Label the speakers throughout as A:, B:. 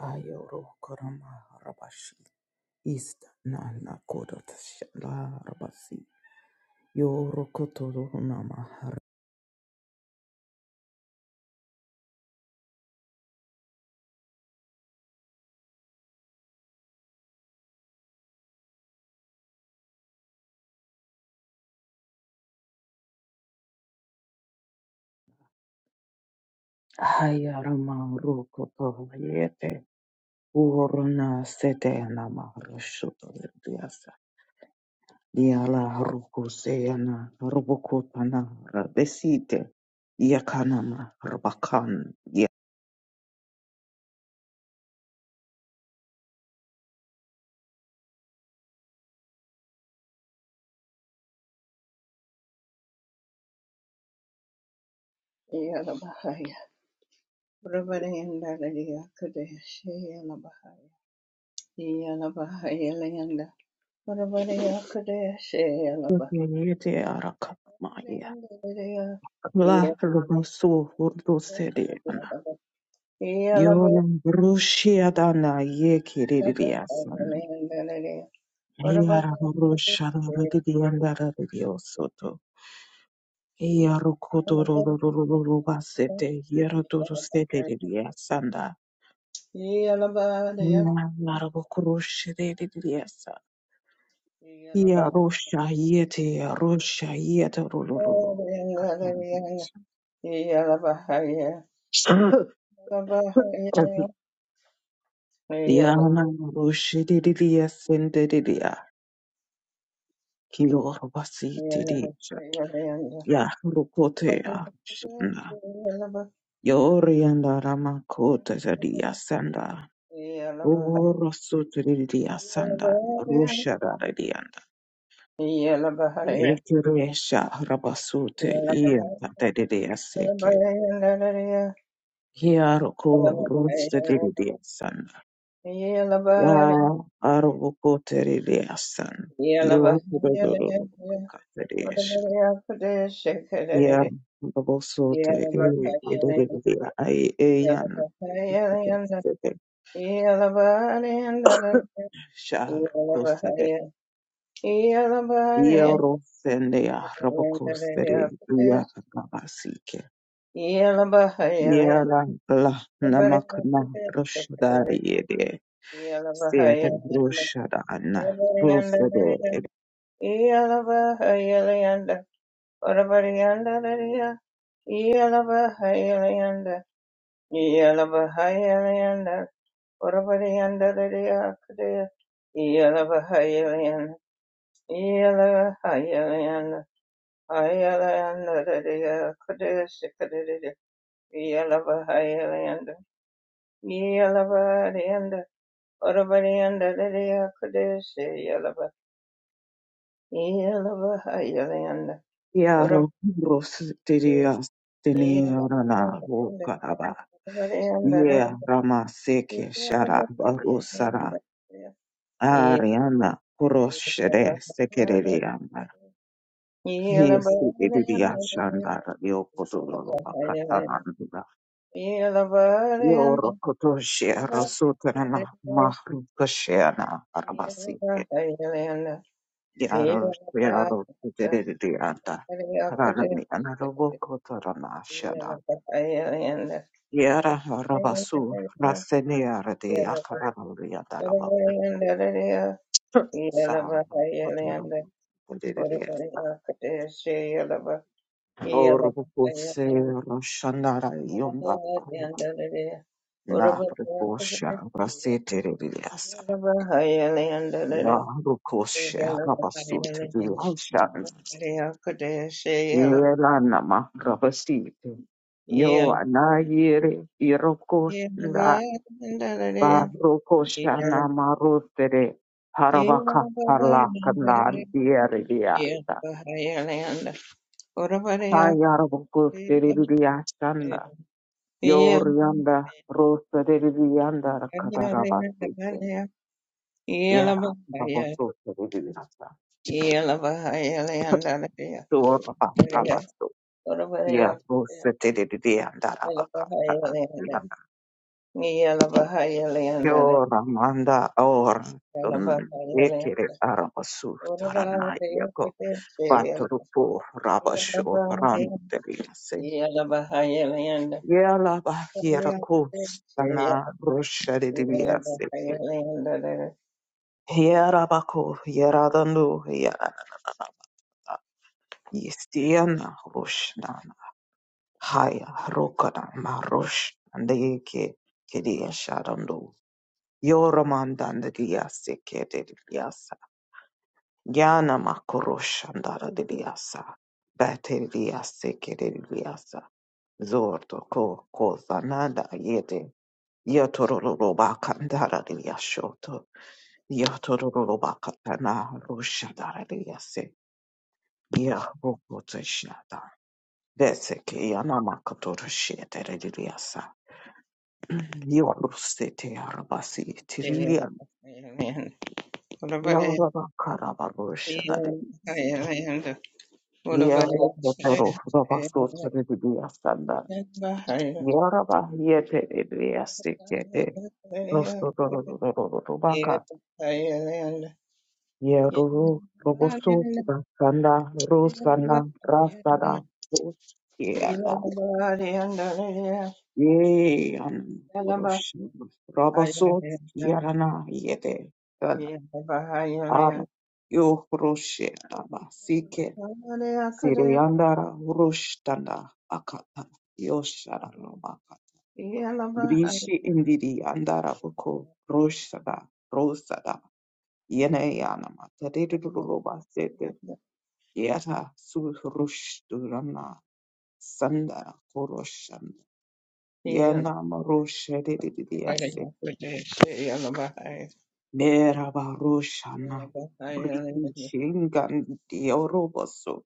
A: Ayoro Koroma Rabashi East Nana Kodot Shala Rabasi Yoro Koto Namahar Hayarama Rokoto Yete Urona Sete Namaroshoto Diasa Diala Rukuseana Robokotana Rabesite Yakanama Rabakan Yete
B: Yalabahaya, Rabarayanda Radia Kadesh, Yalabahaya, Yalabahaya Layanda, Rabaraya Kadesh, Yalabahaya
A: Arakamaya
B: Radia, Yalabahaya
A: La Robosu Urdo
B: Layanda Radia, Rabaraya
A: Yolan Brushia Dana Ye
B: Kadesh, Yalabahaya,
A: Kiridiasan.
B: Yalabahaya Layanda Radia,
A: Ayara Rusha Diandara Diosoto. Yarukodoro Basete, Yarodoro Stedia Sanda. Narabo Krush Diasa. Yarosha Yete, Yarosha Yeta Ruluru.
B: Yalabahaya, Yalabahaya
A: Yana Rushi Didia Sendedia. Kilor
B: Yeah,
A: Basiti Ya rukotea shana. Yorianda ramakota zadia sanda. Urosutiridia sanda. Rushada radianda. Ekiresha rabasute ian tatedidia seke. Hiaruko rustedidia sanda. Ya arukoteridia sanda. Yorokudodoro katedesha. Yeah, Bubble Salt, Ayan, Shah, Costa, Yero, Sendea,
B: Yeah,
A: Robocosta, Ya, Gabasike,
B: Yalava
A: Yera, La, Namakna, Rushda, Yede, Sere, Rushada, Anna, Rosado,
B: Hyaland, Yalaba yanda, oraba yanda, deya kudese yalaba. Yalaba hayala yanda, oraba
A: Yaro, Rosteria,
B: yalaba
A: Tenirana,
B: yanda,
A: Wokaraba,
B: oraba yanda,
A: Yeah, Rama,
B: deya
A: Seke,
B: yalaba
A: Shara, Barosara,
B: yanda.
A: Ariana Kuroshire Sekereyama.
B: Yalaba
A: Yes,
B: yalaba
A: Idiya
B: yanda,
A: Shandara Yokozolo
B: yalaba hayala yanda,
A: Bakatananda.
B: yalaba yanda,
A: Yoro Kotoshia Rasutrana Mahri Koshiana
B: yalaba
A: Arabasike.
B: hayala yanda,
A: Yaro
B: yalaba
A: Yaro
B: yanda,
A: Tedrianda.
B: deya
A: Karani
B: kudese.
A: Anarobo Kotorana Shada.
B: Yeah.
A: Yara Rabasu Raseniara de Akarabia Daraba. Sam. Koturu Orobokose Roshanara Yonda Nahrekosha Rasitiriasa Yarukosha Rabasut Yashan Yelana Makrabasi Yo Anayere Irokosha Barokosha Namarotere Harabaka Harla Kandan Yeriasa
B: Yelanda, Urabaya,
A: Hayarabokos
B: Yelanda,
A: Teridiasa
B: Yelabaya,
A: Yorianda rosa de vianda
B: Yelabaya, Yelanda, Urabaya, Yelabaya, Yelanda,
A: kadarabasi.
B: Yelabaya, Yelanda,
A: Yeah, raboso de vianda.
B: Yelabaya, Yelanda,
A: Tor rabasto. Yeah,
B: Urabaya,
A: rosa de vianda rabaka.
B: Yelabaya, Yelabaya, Yelanda,
A: Yoramanda or ekere arabasu
B: Urabaya,
A: taranayako. Batorupo rabasho rano de viase. Yela bahiera kustana rosha de viase. Yarabako, Yaradanu, Yistiana Roshana Haya Rokana Marosh and the Yeke Kedia Sharando Yoramandan the Diase Kede Diasa Yana Makorosh and Dara de Diasa Bate Diase Kede Diasa Zorto Ko Kozanada Yede Yatororoba Kandara de Yashoto Yatororoba Katana Roshadara de Yase Yah Rokotoshna Deseki anamakotoroshe tereriasa. Yoruse te arabasi
B: Yelabaya,
A: tiririan.
B: Yelanda, Yeah.
A: Yaraba karabarosha daredise. Yero totoro rabaso tereriasa da. Yaraba yete eriasi kete. Rosto tororororobaka. Yero roboso rasanda rosana rasada. Yada. Ye an Rosh Rabasot Yarana Yede An Ara Yo Roshe Raba Sike Siriandara Rushtanda Akata Yoshara Rabaka Brishi Indiri Andara Buko Roshada Rosada Yene Yanama Tadiruba Sete Yata Su Rushturana Sandara Koroshanda Yanama Roshe Dididia sete.
B: Yeah.
A: Merabarushana Britishingan Dioroboso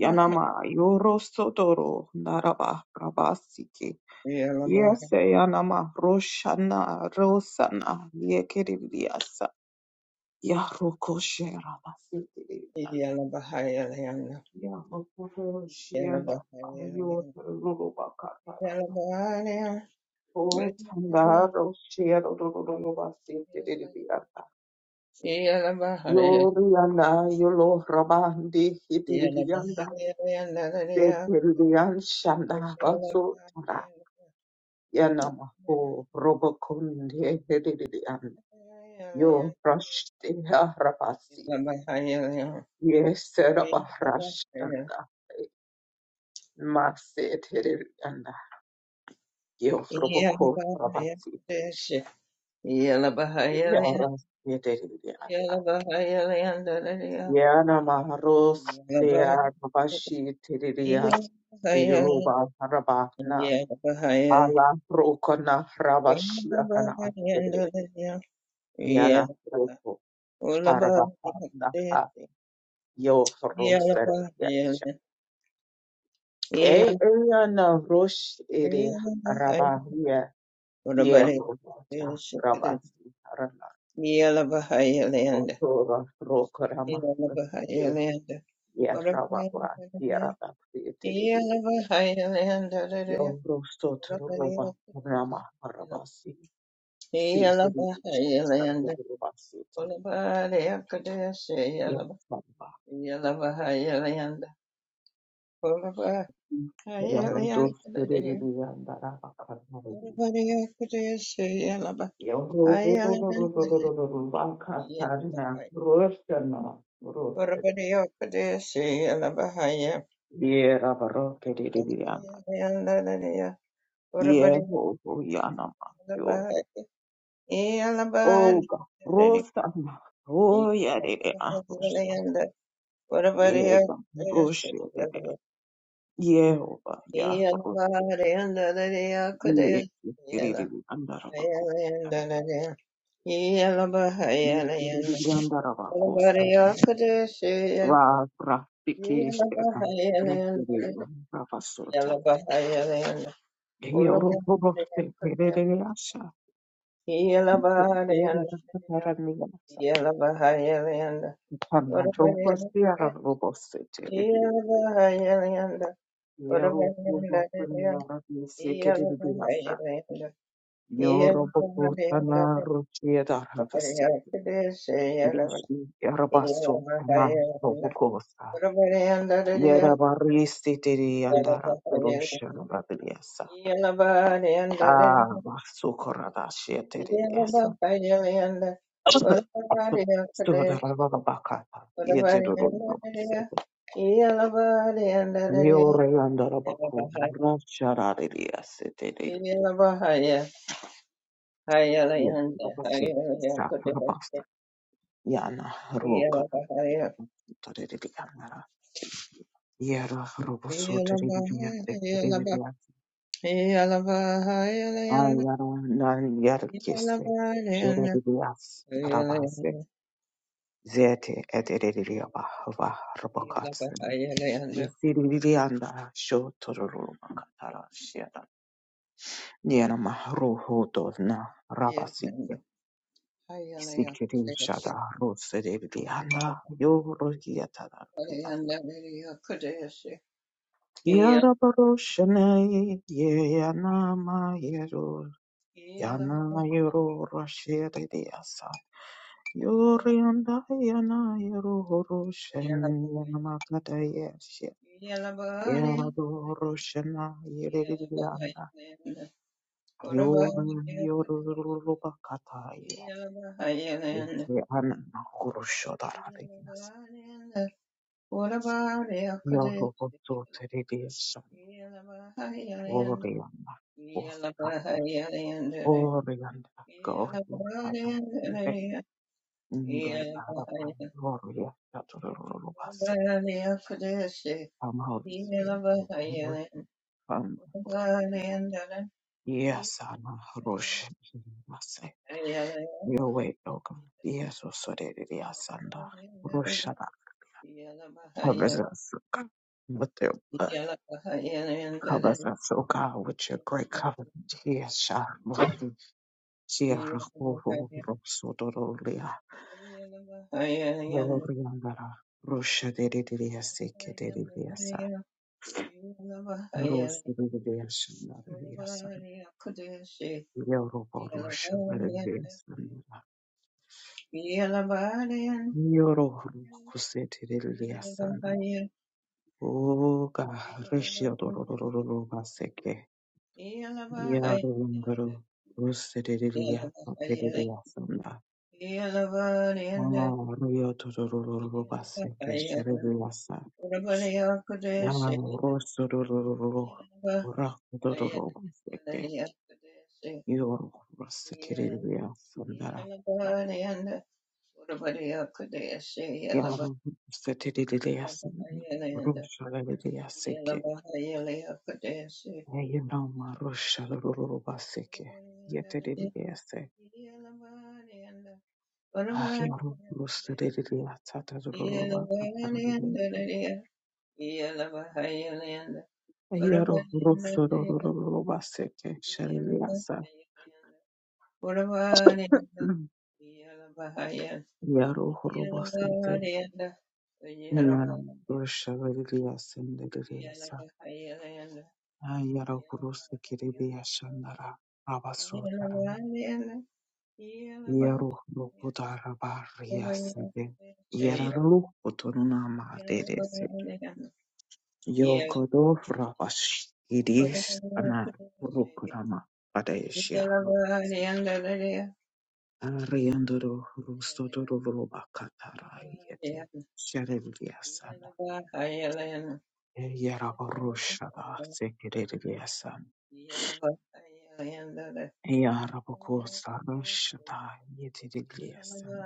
A: Yanama Yorosodoro Naraba Rabasiki Yes Yanama Roshana Rosana Yekiriasa Yarukoshera Basiki Yarukoshana Yoruba Katara O Tandaro Shero Basiki Gloriana, Yolo Rabandi, Hitirianda, Dekirian Shanda, Baso Tara, Yanamaho, Robokunde, Hitirian, Yo Rashtia Rabasi, Yes, Rabahrashtanda, Maset Hitirianda, Yo Roboko Rabasi, Yaras Hitirianda, Yanamaros, Dea
B: Yeah.
A: Rabashi
B: Yalla
A: Tirias, Diruba Rabana, Ala prokona rabashia kana astere yana proko harabahana ha yo frosere yasha. E yana rosh ere rabahia ye roja rabasi harana
B: bahai yalla
A: otora rokorama astere ye rababa ye rabasi etere di yo rostotoro roba rama harabasi si teribiche
B: yanda.
A: harabasi
B: Ola bahai
A: etere.
B: akadesi Yalabahayalayanda
A: Yeah,
B: Puravahayalayanda Puravadiyakadesi Yalabahayalayanda Yalabahaya Puravadiyakadesi Yalabahaya Hayalayanda Dadiya Puravadiyakadesi Yalabahaya Yalabahaya Yalabahayalayanda Puravadiyakadesi Yalabahaya Yalabahayalayanda Dadiya Kudesi Yalabahayalayanda Yeah,
A: Ra rafikishera ruferera ravasota. Yeroborose perereasa. Era rakaraniasa. Kana rokwasiara robose terere. Yero robokwenia rabisekereriasa. Yoro bokotana rochieda ravasi. Erishi arabaso kana robokosa. Yera barisi teri
B: Yeah.
A: andara Ah, so Sukoradashieteriesa. Sudarabakata. Yeterurubaseko. Yoreandarabaku. Racharariasiteri. Yabasi. Sakurabasta. Yana roka taririanara. Yara robosoteriviatekerivias. Ayara nanyarkese. Jererias. Karabase. Zete eteriria bahava Siririanda shotororo makatara shiada. Niera mahruho donna rabasike.
B: What
A: Sikiri shada roseririanda yoro yatara rias. Yara baroshane yana ma yero yana yero rashiririasa. Yorianda yana yero horoshen yana makata yeshe. Yara doroshana Yorulubakataya yese anana kurushodarariyas
B: about
A: yorubututiriyasa oriyanda kufra oriyanda goyandam ve ingredarabam
B: it?
A: yoriyasa turulubasi
B: Yeah.
A: Come Holy Spirit come yes ana rush mase your way O God yes osoriyasanda Covers us oh God, with their blood. Covers us, oh God, with your great covenant. Yes, Shah, Mahdi, Shia, Rahu, Rosodorolia, Roriandara, Rosha, Dedidia, Seke, Dedidia, Sa, Rose, Dedidia, Shandaria, Sa, Yoro, Rosha, Dedidia, Sandara, Yoro, Huse, Dedidia, Sana.
B: Yeah.
A: Oh God, Rishia, Dorororo, Seke. Yarunguru Rusiriya Patiriyasanda Mario Todorubase Kesherivasa Yamurosururu Rakudorubaseke Yor Rusikiriya Sundara Yarum Setiriyasanda Rusharivya Seke Yayinama Rusharubaseke Yetiriyase Ahiru Rusiriya Tatarubaka Yaro Rusorobaseke Shariliasa Yaro Horobosite Yanam Roshavilias and Liliasa Yaro Rusikiribia Shandara Abasutaram Yaro Lokudaraba Riasite Yaralu Utunama Dedese
B: Yeah.
A: Yokodo Rabash
B: Yeah.
A: Idis Ana Rukurama Padeshiano Ariandoro rustodoro voloba katarayete. Shareliasan. Eyarabaroshada sekereliasan. Eyarabokosa roshada yetiriliasan.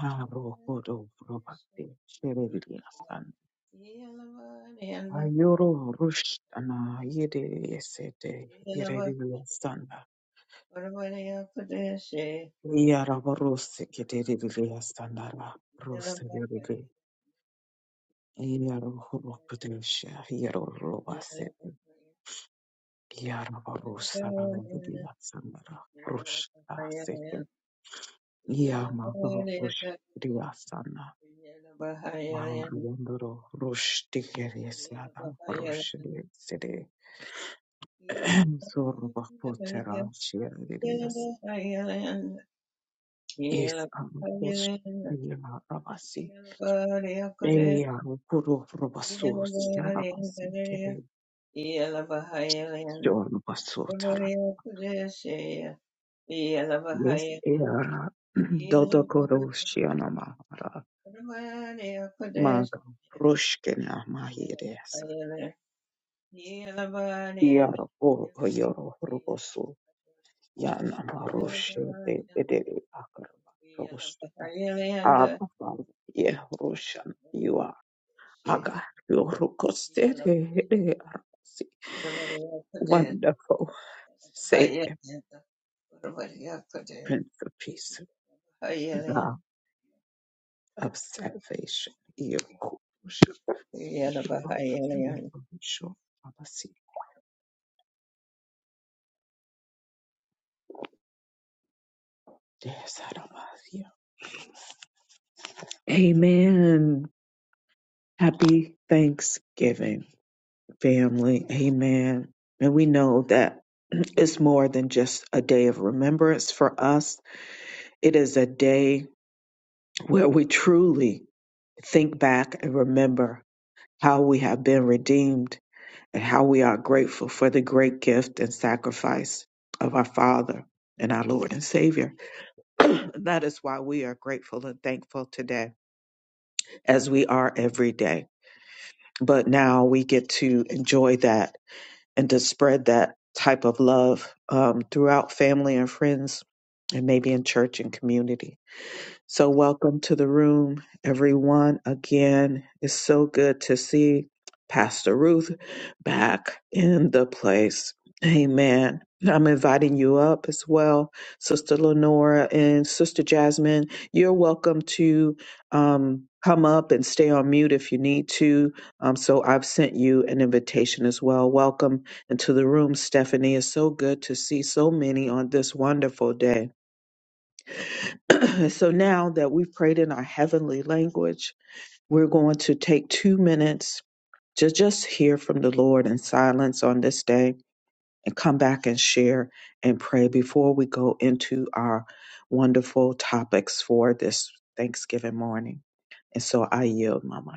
A: Harokodo vrobate shereliasan. Ayoro rushtana yedelesete yereliasan. Eyarabarose keteriliasanara. Roseleriliasan.
B: Yeah.
A: Yarohodesha, Yarobase, Yarabarusa, Budia Sandra, Rushta, Seke, Yama, Rush, Rivasana, Mavarundoro, Rush, Tigerislada, Rush, Sede, Zorba, Potera, Chiarias, Isam, Post, Yarabasi, Eyarupuru, Rubasus, Yarabasi, Kede, John Basotara. Yes, era
B: Yeah.
A: Dodo Koroshiana Mahara Maga Rushkina Mahires Yaro Yoro Rubosu Yana Marush de Bedeli Akarva Rosh Abba Father, Ye you are Hagar Yorukoste Wonderful Say a Prince of Peace God of Salvation Yorukosh Amen. Happy Thanksgiving, family. Amen. And we know that it's more than just a day of remembrance for us, it is a day where we truly think back and remember how we have been redeemed and how we are grateful for the great gift and sacrifice of our Father and our Lord and Savior. that is why we are grateful and thankful today, as we are every day. But now we get to enjoy that and to spread that type of love um, throughout family and friends, and maybe in church and community. So, welcome to the room, everyone. Again, it's so good to see Pastor Ruth back in the place. Amen. I'm inviting you up as well, Sister Lenora and Sister Jasmine. You're welcome to um, come up and stay on mute if you need to. Um, so I've sent you an invitation as well. Welcome into the room, Stephanie. It's so good to see so many on this wonderful day. so now that we've prayed in our heavenly language, we're going to take two minutes to just hear from the Lord in silence on this day and come back and share and pray before we go into our wonderful topics for this Thanksgiving morning. And so I yield my mic.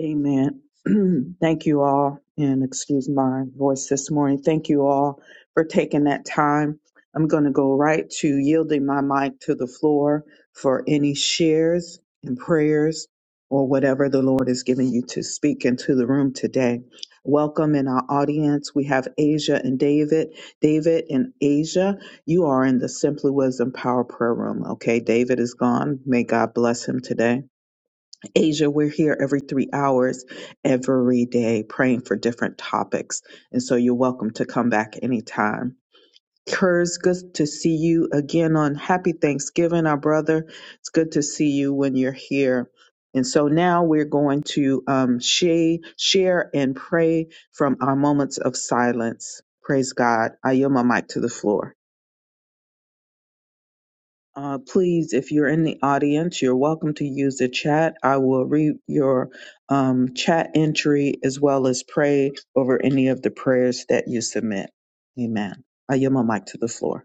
A: Amen. Thank you all, and excuse my voice this morning. Thank you all for taking that time. I'm going to go right to yielding my mic to the floor for any shares and prayers or whatever the Lord is giving you to speak into the room today. Welcome in our audience. We have Asia and David. David and Asia, you are in the Simply Wisdom Power Prayer Room. Okay, David is gone. May God bless him today. Asia, we're here every three hours, every day, praying for different topics. And so you're welcome to come back anytime. Kurz, good to see you again on Happy Thanksgiving, our brother. It's good to see you when you're here. And so now we're going to um, share, share and pray from our moments of silence. Praise God. I yield my mic to the floor. Uh, please, if you're in the audience, you're welcome to use the chat. I will read your um, chat entry as well as pray over any of the prayers that you submit. Amen. I yield my mic to the floor.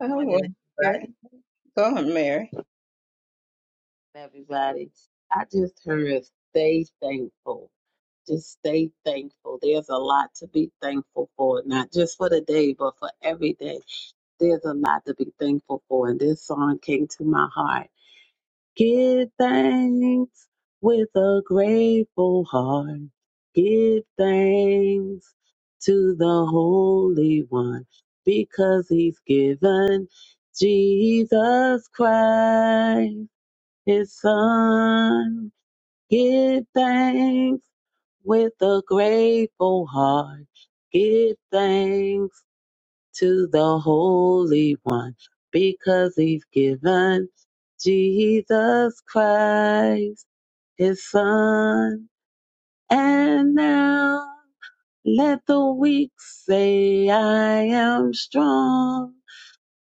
B: Oh,
C: morning,
B: well, here.
C: everybody.
B: Go on, Mary.
C: Everybody, I just heard stay thankful. Just stay thankful. There's a lot to be thankful for, not just for the day, but for every day. There's a lot to be thankful for, and this song came to my heart. Give thanks with a grateful heart. Give thanks to the Holy One because He's given Jesus Christ. his son. Give thanks with a grateful heart. Give thanks to the Holy One because he's given Jesus Christ, his son. And now let the weak say, I am strong.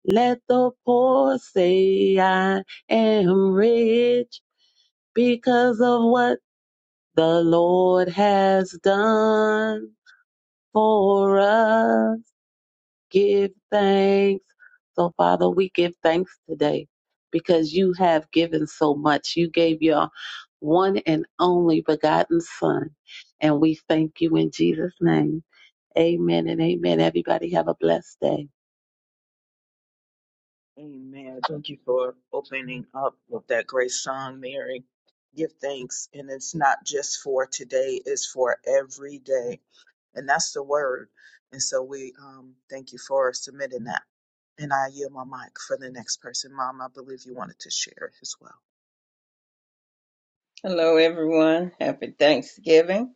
C: Let the poor say, I am rich because of what the Lord has done for us. Give thanks. So, Father, we give thanks today because you have given so much. You gave your one and only begotten Son. And we thank you in Jesus' name. Amen and amen. Everybody have a blessed day.
A: Amen. Thank you for opening up with that great song, Mary. Give thanks. And it's not just for today, it's for every day. And that's the word. And so we um, thank you for submitting that. And I yield my mic for the next person. Mom, I believe you wanted to share as well.
B: Hello, everyone. Happy Thanksgiving.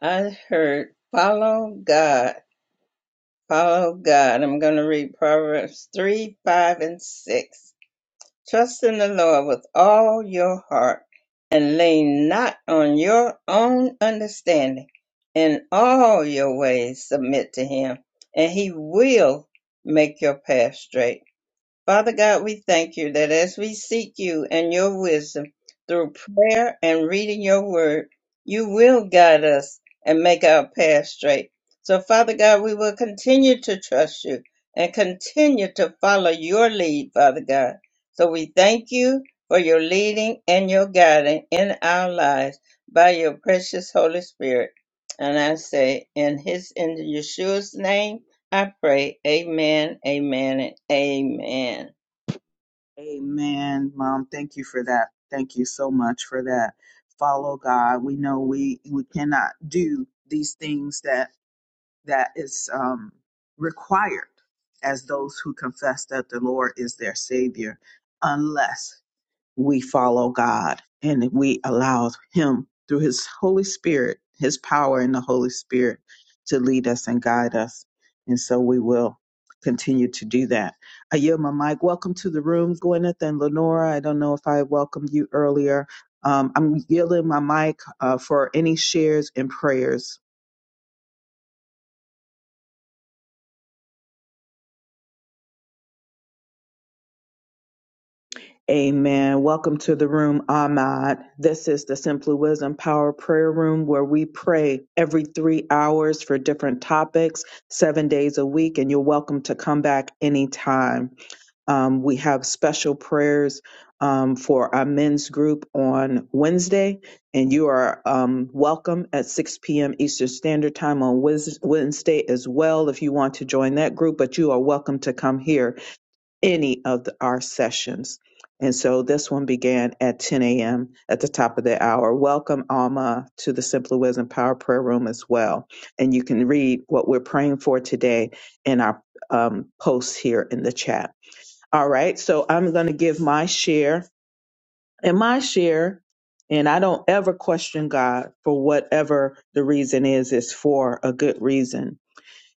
B: I heard follow God. Follow God. I'm going to read Proverbs 3, 5, and 6. Trust in the Lord with all your heart and lean not on your own understanding. In all your ways, submit to Him, and He will make your path straight. Father God, we thank you that as we seek you and your wisdom through prayer and reading your word, you will guide us and make our path straight. So, Father God, we will continue to trust you and continue to follow your lead, Father God. So, we thank you for your leading and your guiding in our lives by your precious Holy Spirit. And I say, in his, in Yeshua's name, I pray, Amen, Amen, and Amen.
A: Amen, Mom. Thank you for that. Thank you so much for that. Follow God. We know we we cannot do these things that that is um, required as those who confess that the Lord is their Savior, unless we follow God and we allow Him through His Holy Spirit, His power in the Holy Spirit to lead us and guide us. And so we will continue to do that. I yield my mic. Welcome to the room, Gwyneth and Lenora. I don't know if I welcomed you earlier. Um, I'm yielding my mic uh, for any shares and prayers. Amen. Welcome to the room, Ahmad. This is the Simply Wisdom Power Prayer Room where we pray every three hours for different topics, seven days a week, and you're welcome to come back anytime. Um, we have special prayers um, for our men's group on Wednesday, and you are um, welcome at 6 p.m. Eastern Standard Time on Wes- Wednesday as well if you want to join that group, but you are welcome to come here any of the, our sessions. And so this one began at 10 a.m. at the top of the hour. Welcome, Alma, to the Simply Wisdom Power Prayer Room as well. And you can read what we're praying for today in our um, posts here in the chat. All right, so I'm going to give my share and my share, and I don't ever question God for whatever the reason is, it's for a good reason.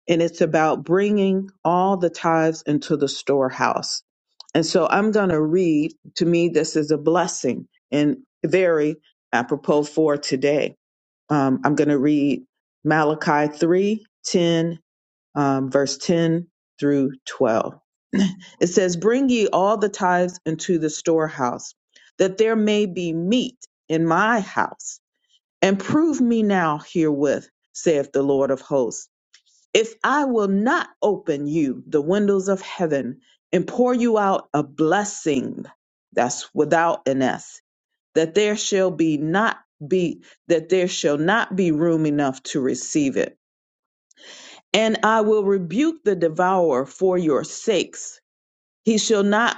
A: And it's about bringing all the tithes into the storehouse and so I'm going to read. To me, this is a blessing and very apropos for today. Um, I'm going to read Malachi 3 10, um, verse 10 through 12. It says, Bring ye all the tithes into the storehouse, that there may be meat in my house, and prove me now herewith, saith the Lord of hosts if I will not open you the windows of heaven and pour you out a blessing that's without an S, that there shall be not be that there shall not be room enough to receive it. And I will rebuke the devourer for your sakes. He shall not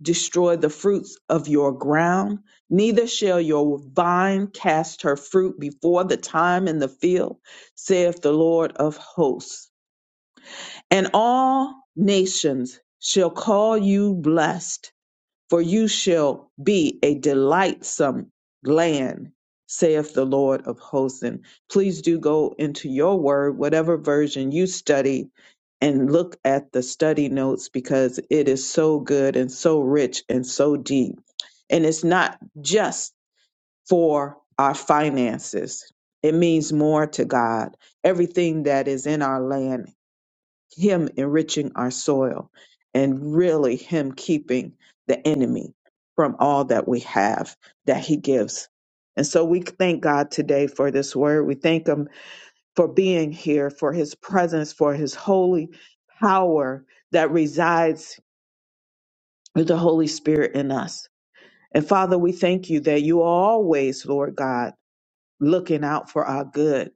A: destroy the fruits of your ground, neither shall your vine cast her fruit before the time in the field, saith the Lord of hosts. And all nations shall call you blessed, for you shall be a delightsome land, saith the Lord of hosts. And please do go into your word, whatever version you study, and look at the study notes because it is so good and so rich and so deep. And it's not just for our finances, it means more to God. Everything that is in our land him enriching our soil and really Him keeping the enemy from all that we have that He gives. And so we thank God today for this word. We thank Him for being here, for His presence, for His holy power that resides with the Holy Spirit in us. And Father, we thank you that you are always, Lord God, looking out for our good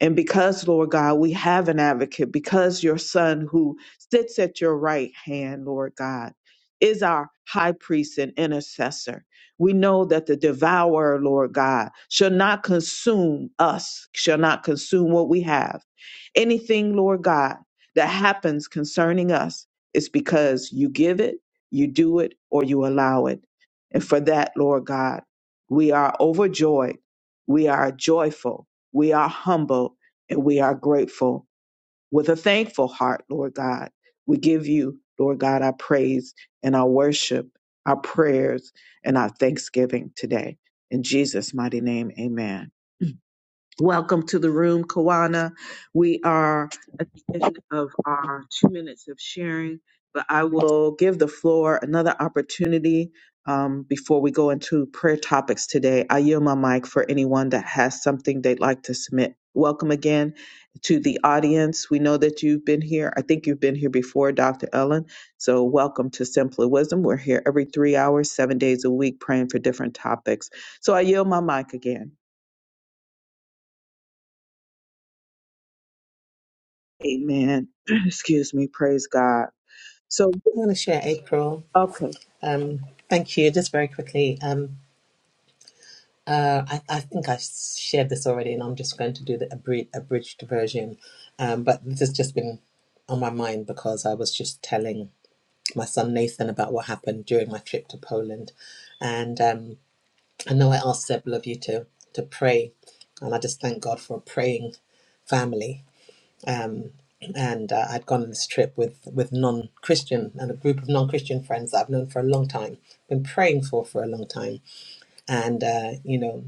A: And because, Lord God, we have an advocate, because your son who sits at your right hand, Lord God, is our high priest and intercessor. We know that the devourer, Lord God, shall not consume us, shall not consume what we have. Anything, Lord God, that happens concerning us is because you give it, you do it, or you allow it. And for that, Lord God, we are overjoyed. We are joyful we are humble and we are grateful with a thankful heart, Lord God. We give you, Lord God, our praise and our worship, our prayers and our thanksgiving today. In Jesus' mighty name, amen. Welcome to the room, Kawana. We are at the end of our two minutes of sharing, but I will give the floor another opportunity um, before we go into prayer topics today. I yield my mic for anyone that has something they'd like to submit. Welcome again to the audience. We know that you've been here. I think you've been here before, Dr. Ellen. So, welcome to Simpler Wisdom. We're here every three hours, seven days a week, praying for different topics. So, I yield my mic again. Amen. Excuse me. Praise God. So,
D: I want to share April.
A: okay.
D: Um, thank you. Just very quickly, um, uh, I, I think I shared this already, and I'm just going to do the abri- abridged version. Um, but this has just been on my mind because I was just telling my son Nathan about what happened during my trip to Poland, and um, I know I asked several of you to to pray, and I just thank God for a praying family and uh, I'd gone on this trip with with non-Christian and a group of non-Christian friends that I've known for a long time, been praying for for a long time, and uh, you know,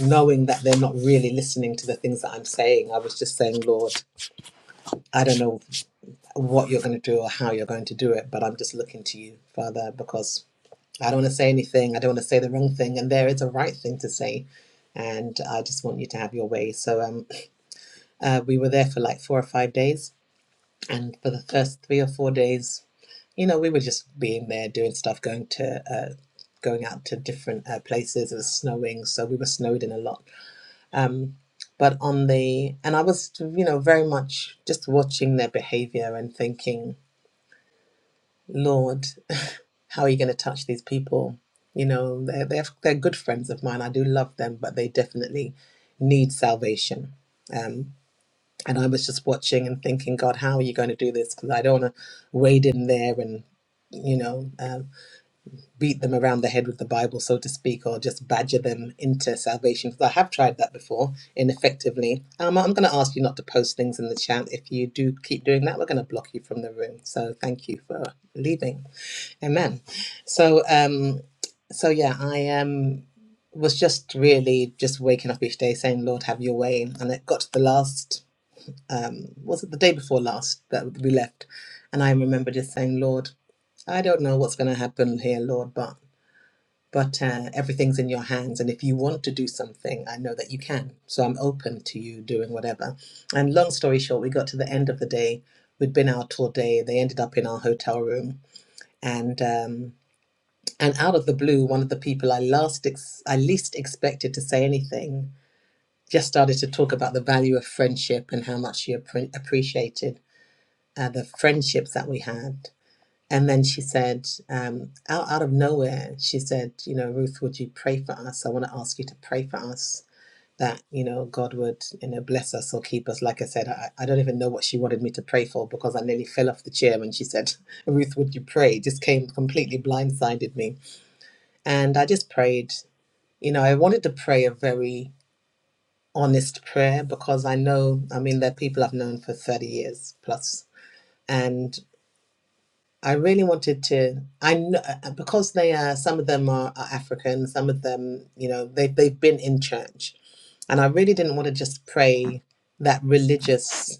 D: knowing that they're not really listening to the things that I'm saying, I was just saying, Lord, I don't know what you're going to do or how you're going to do it, but I'm just looking to you, Father, because I don't want to say anything, I don't want to say the wrong thing, and there is a right thing to say, and I just want you to have your way. So um, uh, we were there for like four or five days. And for the first three or four days, you know, we were just being there, doing stuff, going to, uh, going out to different uh, places. It was snowing, so we were snowed in a lot. But on the, and I was, you know, very much just watching their behavior and thinking, Lord, how are you going to touch these people? You know, they're, they're, they're good friends of mine. I do love them, but they definitely need salvation. Um, and I was just watching and thinking, God, how are you going to do this? Because I don't want to wade in there and, you know. uh, beat them around the head with the Bible, so to speak, or just badger them into salvation. Because I have tried that before ineffectively. Um, I'm going to ask you not to post things in the chat. If you do keep doing that, we're going to block you from the room. So thank you for leaving. Amen. So, um, so yeah, I um, was just really just waking up each day saying, Lord, have your way. And it got to the last, um, was it the day before last that we left? And I remember just saying, Lord, I don't know what's going to happen here, Lord, but but uh, everything's in your hands. And if you want to do something, I know that you can. So I'm open to you doing whatever. And long story short, we got to the end of the day. We'd been out all day. They ended up in our hotel room, and um, and out of the blue, one of the people I last ex- I least expected to say anything just started to talk about the value of friendship and how much she appre- appreciated uh, the friendships that we had. And then she said, um, out, out of nowhere, she said, you know, Ruth, would you pray for us? I want to ask you to pray for us that, you know, God would, you know, bless us or keep us. Like I said, I, I don't even know what she wanted me to pray for because I nearly fell off the chair when she said, Ruth, would you pray? It just came completely blindsided me. And I just prayed. You know, I wanted to pray a very honest prayer because I know, I mean, they're people I've known for 30 years plus. And I really wanted to. I know because they are. Some of them are, are African. Some of them, you know, they they've been in church, and I really didn't want to just pray that religious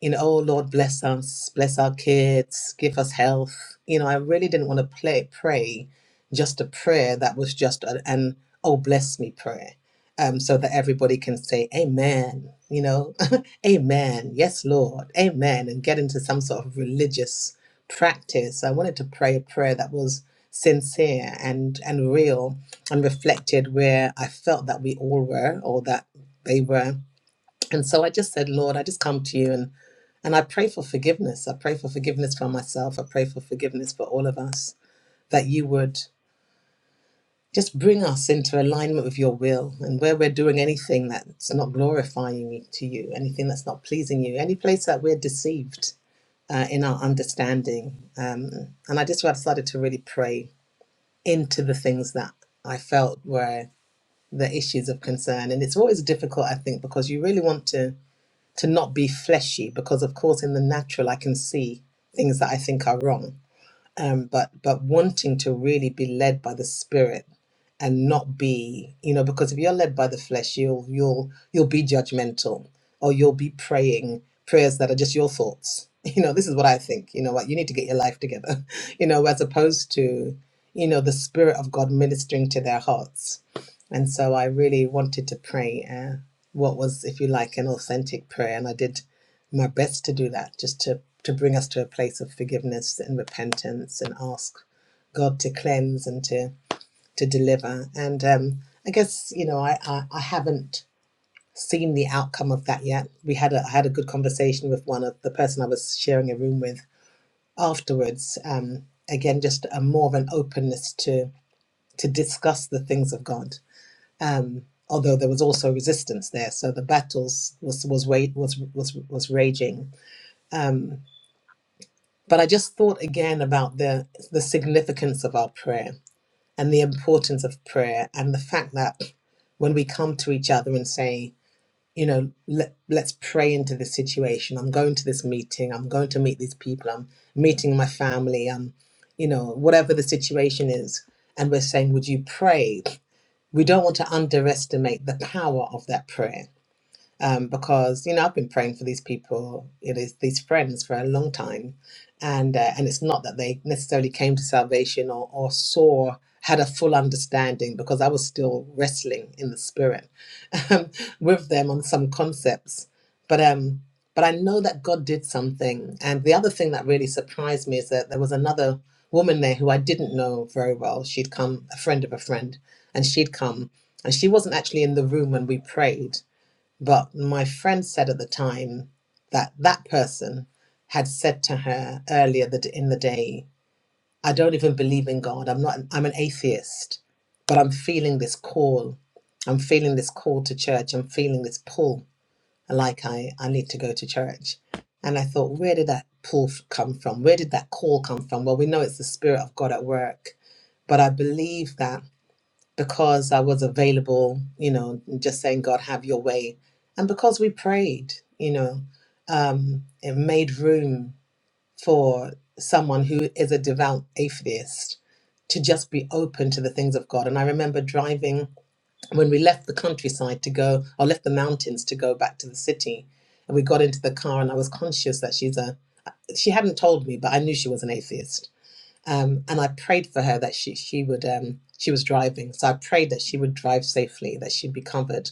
D: you know, oh Lord, bless us, bless our kids, give us health. You know, I really didn't want to play, pray just a prayer that was just a, an oh, bless me prayer, um, so that everybody can say, Amen, you know, Amen, yes, Lord, Amen, and get into some sort of religious practice. I wanted to pray a prayer that was sincere and and real and reflected where I felt that we all were or that they were. And so I just said, Lord, I just come to you and and I pray for forgiveness. I pray for forgiveness for myself. I pray for forgiveness for all of us that you would just bring us into alignment with your will and where we're doing anything that's not glorifying to you, anything that's not pleasing you, any place that we're deceived uh, in our understanding. Um, and I just I've started to really pray into the things that I felt were the issues of concern. And it's always difficult, I think, because you really want to to not be fleshy because, of course, in the natural, I can see things that I think are wrong um, but but wanting to really be led by the spirit and not be you know because if you're led by the flesh you'll you'll you'll be judgmental or you'll be praying prayers that are just your thoughts you know this is what i think you know what you need to get your life together you know as opposed to you know the spirit of god ministering to their hearts and so i really wanted to pray uh, what was if you like an authentic prayer and i did my best to do that, just to, to bring us to a place of forgiveness and repentance and ask God to cleanse and to, to deliver. And um, I guess, you know, I, I, I haven't seen the outcome of that yet. We had a, I had a good conversation with one of the person I was sharing a room with afterwards. Um, again, just a more of an openness to, to discuss the things of God. Um, although there was also resistance there. So the battles was was wa- was was was raging. Um, But I just thought again about the the significance of our prayer and the importance of prayer and the fact that when we come to each other and say, you know, let, let's pray into this situation. I'm going to this meeting. I'm going to meet these people. I'm meeting my family. I'm, you know, whatever the situation is. And we're saying, would you pray? We don't want to underestimate the power of that prayer um, because you know I've been praying for these people, it is these friends for a long time, and uh, and it's not that they necessarily came to salvation or or saw had a full understanding because I was still wrestling in the spirit um, with them on some concepts, but um. But I know that God did something. And the other thing that really surprised me is that there was another woman there who I didn't know very well. She'd come, a friend of a friend, and she'd come. And she wasn't actually in the room when we prayed but my friend said at the time that that person had said to her earlier that in the day, I don't even believe in God. I'm not, I'm an atheist, but I'm feeling this call. I'm feeling this call to church. I'm feeling this pull like I, I need to go to church. And I thought, where did that pull f- come from? Where did that call come from? Well, we know it's the Spirit of God at work, but I believe that because I was available, you know, just saying, God, have your way. And because we prayed, you know, um, it made room for someone who is a devout atheist to just be open to the things of God. And I remember driving when we left the countryside to go, or left the mountains to go back to the city. And we got into the car, and I was conscious that she's a, she hadn't told me, but I knew she was an atheist um, and I prayed for her that she she would um, she was driving, so I prayed that she would drive safely, that she'd be covered,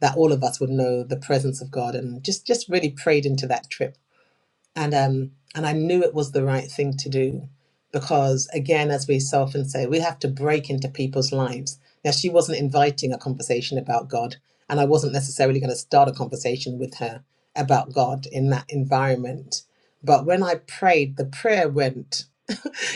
D: that all of us would know the presence of God, and just just really prayed into that trip, and um, and I knew it was the right thing to do, because again, as we so often say, we have to break into people's lives. Now she wasn't inviting a conversation about God, and I wasn't necessarily going to start a conversation with her about God in that environment. But when I prayed, the prayer went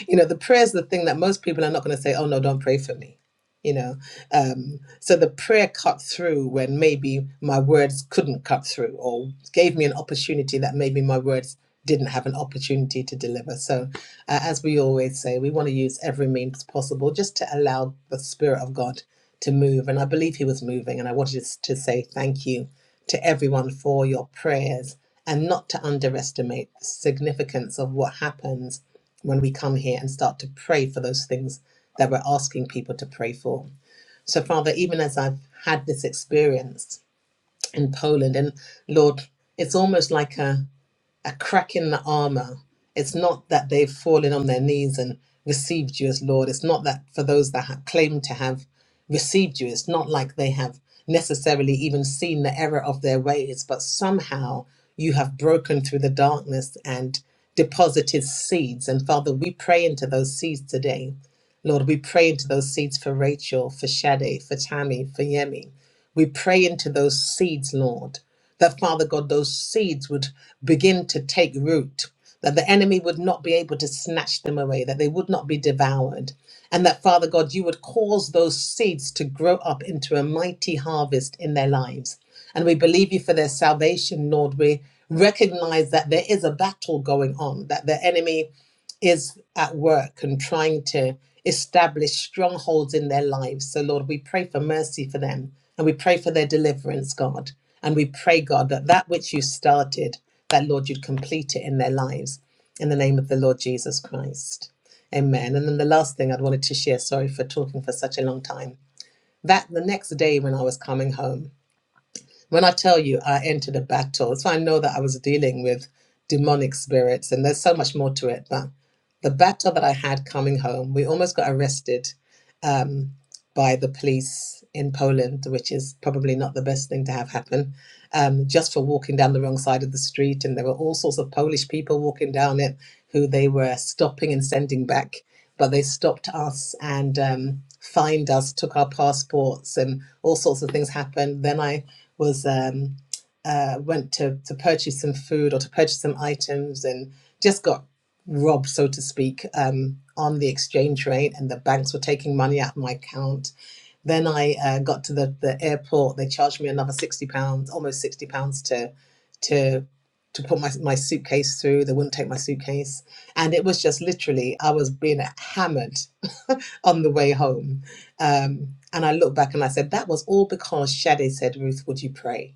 D: you know, the prayer is the thing that most people are not going to say, oh, no, don't pray for me. You know, um, so the prayer cut through when maybe my words couldn't cut through or gave me an opportunity that maybe my words didn't have an opportunity to deliver. So, uh, as we always say, we want to use every means possible just to allow the Spirit of God to move. And I believe He was moving. And I wanted to to say thank you to everyone for your prayers and not to underestimate the significance of what happens when we come here and start to pray for those things that we're asking people to pray for. So, Father, even as I've had this experience in Poland, and Lord, it's almost like a a crack in the armor. It's not that they've fallen on their knees and received you as Lord. It's not that for those that have claimed to have received you, it's not like they have necessarily even seen the error of their ways, but somehow you have broken through the darkness and deposited seeds. And Father, we pray into those seeds today. Lord, we pray into those seeds for Rachel, for Shade, for Tammy, for Yemi. We pray into those seeds, Lord that Father God, those seeds would begin to take root, that the enemy would not be able to snatch them away, that they would not be devoured, and that Father God, you would cause those seeds to grow up into a mighty harvest in their lives. And we believe you for their salvation, Lord. We recognize that there is a battle going on, that the enemy is at work and trying to establish strongholds in their lives. So, Lord, we pray for mercy for them and we pray for their deliverance, God. And we pray, God, that that which you started, that, Lord, you'd complete it in their lives in the name of the Lord Jesus Christ. Amen. And then the last thing I'd wanted to share, sorry for talking for such a long time, that the next day when I was coming home, when I tell you I entered a battle, so I know that I was dealing with demonic spirits, and there's so much more to it. But the battle that I had coming home, we almost got arrested um, by the police in Poland, which is probably not the best thing to have happen, um, just for walking down the wrong side of the street. And there were all sorts of Polish people walking down it who they were stopping and sending back. But they stopped us and um, fined us, took our passports, and all sorts of things happened. Then I was um, uh, went to to purchase some food or to purchase some items and just got robbed, so to speak, um, on the exchange rate, and the banks were taking money out of my account. Then I uh, got to the, the airport. They charged me another sixty pounds, almost sixty pounds to to to put my my suitcase through. They wouldn't take my suitcase, and it was just literally I was being hammered on the way home. Um, and I looked back and I said, that was all because Shade said, Ruth, would you pray?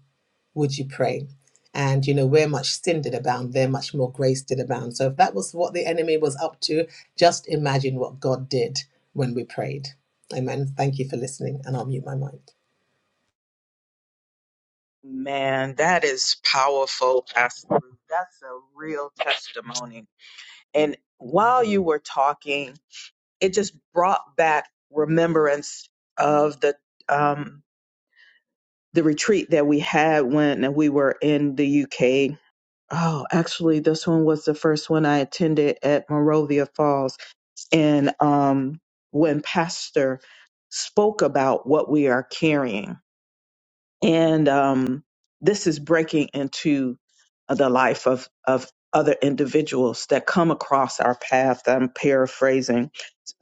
D: would you pray? And you know, where much sin did abound, there much more grace did abound. So if that was what the enemy was up to, just imagine what God did when we prayed. Amen. Thank you for listening, and I'll mute my mic.
A: Man, that is powerful, Pastor. That's a real testimony. And while you were talking, it just brought back remembrance of the um the retreat that we had when we were in the UK. Oh, actually, this one was the first one I attended at Morovia Falls. And um, when Pastor spoke about what we are carrying, and um, this is breaking into uh, the life of of other individuals that come across our path. I'm paraphrasing.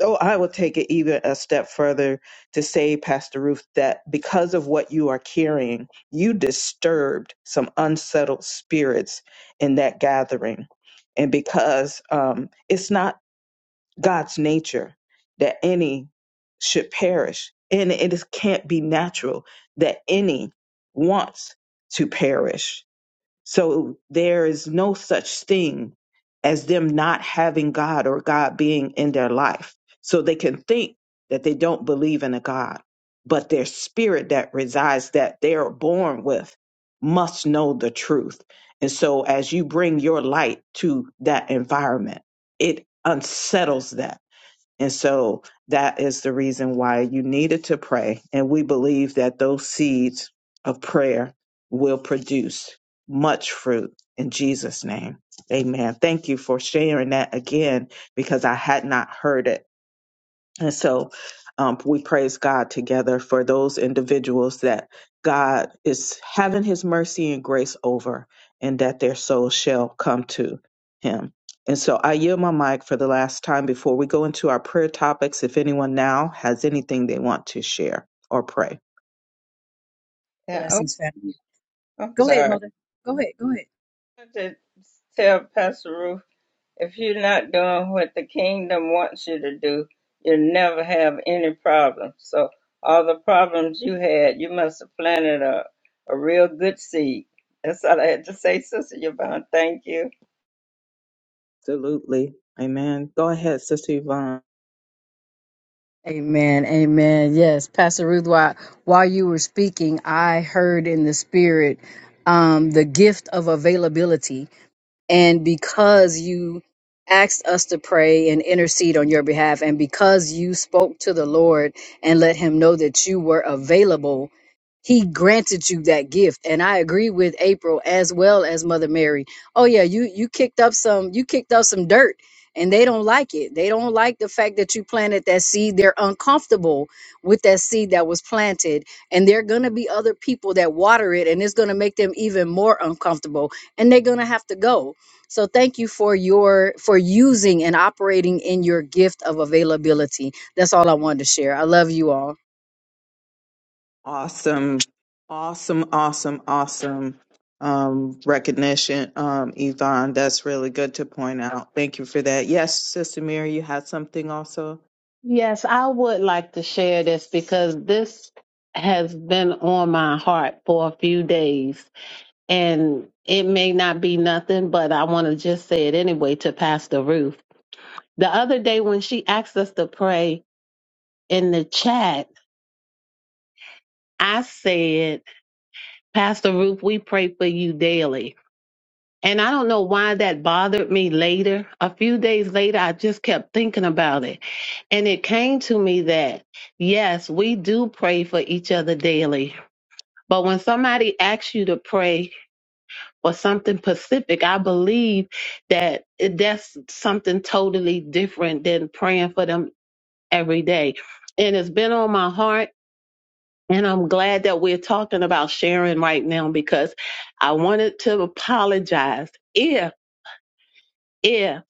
A: So I will take it even a step further to say, Pastor Ruth, that because of what you are carrying, you disturbed some unsettled spirits in that gathering. And because um, it's not God's nature that any should perish. And it is, can't be natural that any wants to perish. So there is no such thing as them not having God or God being in their life. So they can think that they don't believe in a God, but their spirit that resides, that they are born with, must know the truth. And so as you bring your light to that environment, it unsettles that and so that is the reason why you needed to pray. And we believe that those seeds of prayer will produce much fruit in Jesus' name. Amen. Thank you for sharing that again because I had not heard it and so um, we praise God together for those individuals that God is having his mercy and grace over and that their souls shall come to him. And so I yield my mic for the last time before we go into our prayer topics. If anyone now has anything they want to share or pray,
B: Yeah, oh,
E: Blessings, family.
B: I'm
E: Go ahead,
B: sorry.
E: mother. Go ahead. Go ahead.
B: I wanted to tell Pastor Ruth, if you're not doing what the kingdom wants you to do, you'll never have any problems. So all the problems you had, you must have planted a, a real good seed. That's all I had to say, Sister Yvonne. Thank you.
A: absolutely. Amen. Go ahead, Sister Yvonne.
E: Amen. Amen. Yes, Pastor Ruth, while, while you were speaking, I heard in the spirit um, the gift of availability. and because you asked us to pray and intercede on your behalf, and because you spoke to the Lord and let him know that you were available, he granted you that gift. And I agree with April as well as Mother Mary. Oh yeah, you you kicked up some you kicked up some dirt and they don't like it. They don't like the fact that you planted that seed. They're uncomfortable with that seed that was planted. And there are gonna be other people that water it and it's gonna make them even more uncomfortable and they're gonna have to go. So thank you for your for using and operating in your gift of availability. That's all I wanted to share. I love you all.
A: awesome, awesome, awesome, awesome um, recognition, um, Yvonne. That's really good to point out. Thank you for that. Yes, Sister Mary, you had something also.
C: Yes, I would like to share this because this has been on my heart for a few days. and it may not be nothing, but I want to just say it anyway to Pastor Ruth. The other day when she asked us to pray in the chat, I said, Pastor Ruth, we pray for you daily. And I don't know why that bothered me later. A few days later, I just kept thinking about it. And it came to me that, yes, we do pray for each other daily. But when somebody asks you to pray or something Pacific. I believe that it- that's something totally different than praying for them every day. And it's been on my heart. And I'm glad that we're talking about sharing right now because I wanted to apologize if, if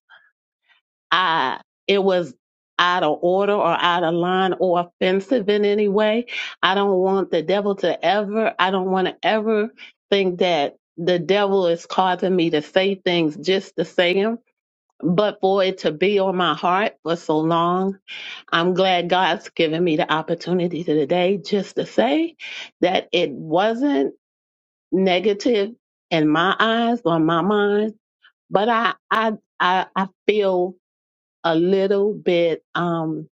C: I, it was out of order or out of line or offensive in any way. I don't want the devil to ever, I don't want to ever think that the devil is causing me to say things just to say 'em But for it to be on my heart for so long, I'm glad God's given me the opportunity today just to say that it wasn't negative in my eyes or my mind, but I I I, I feel a little bit um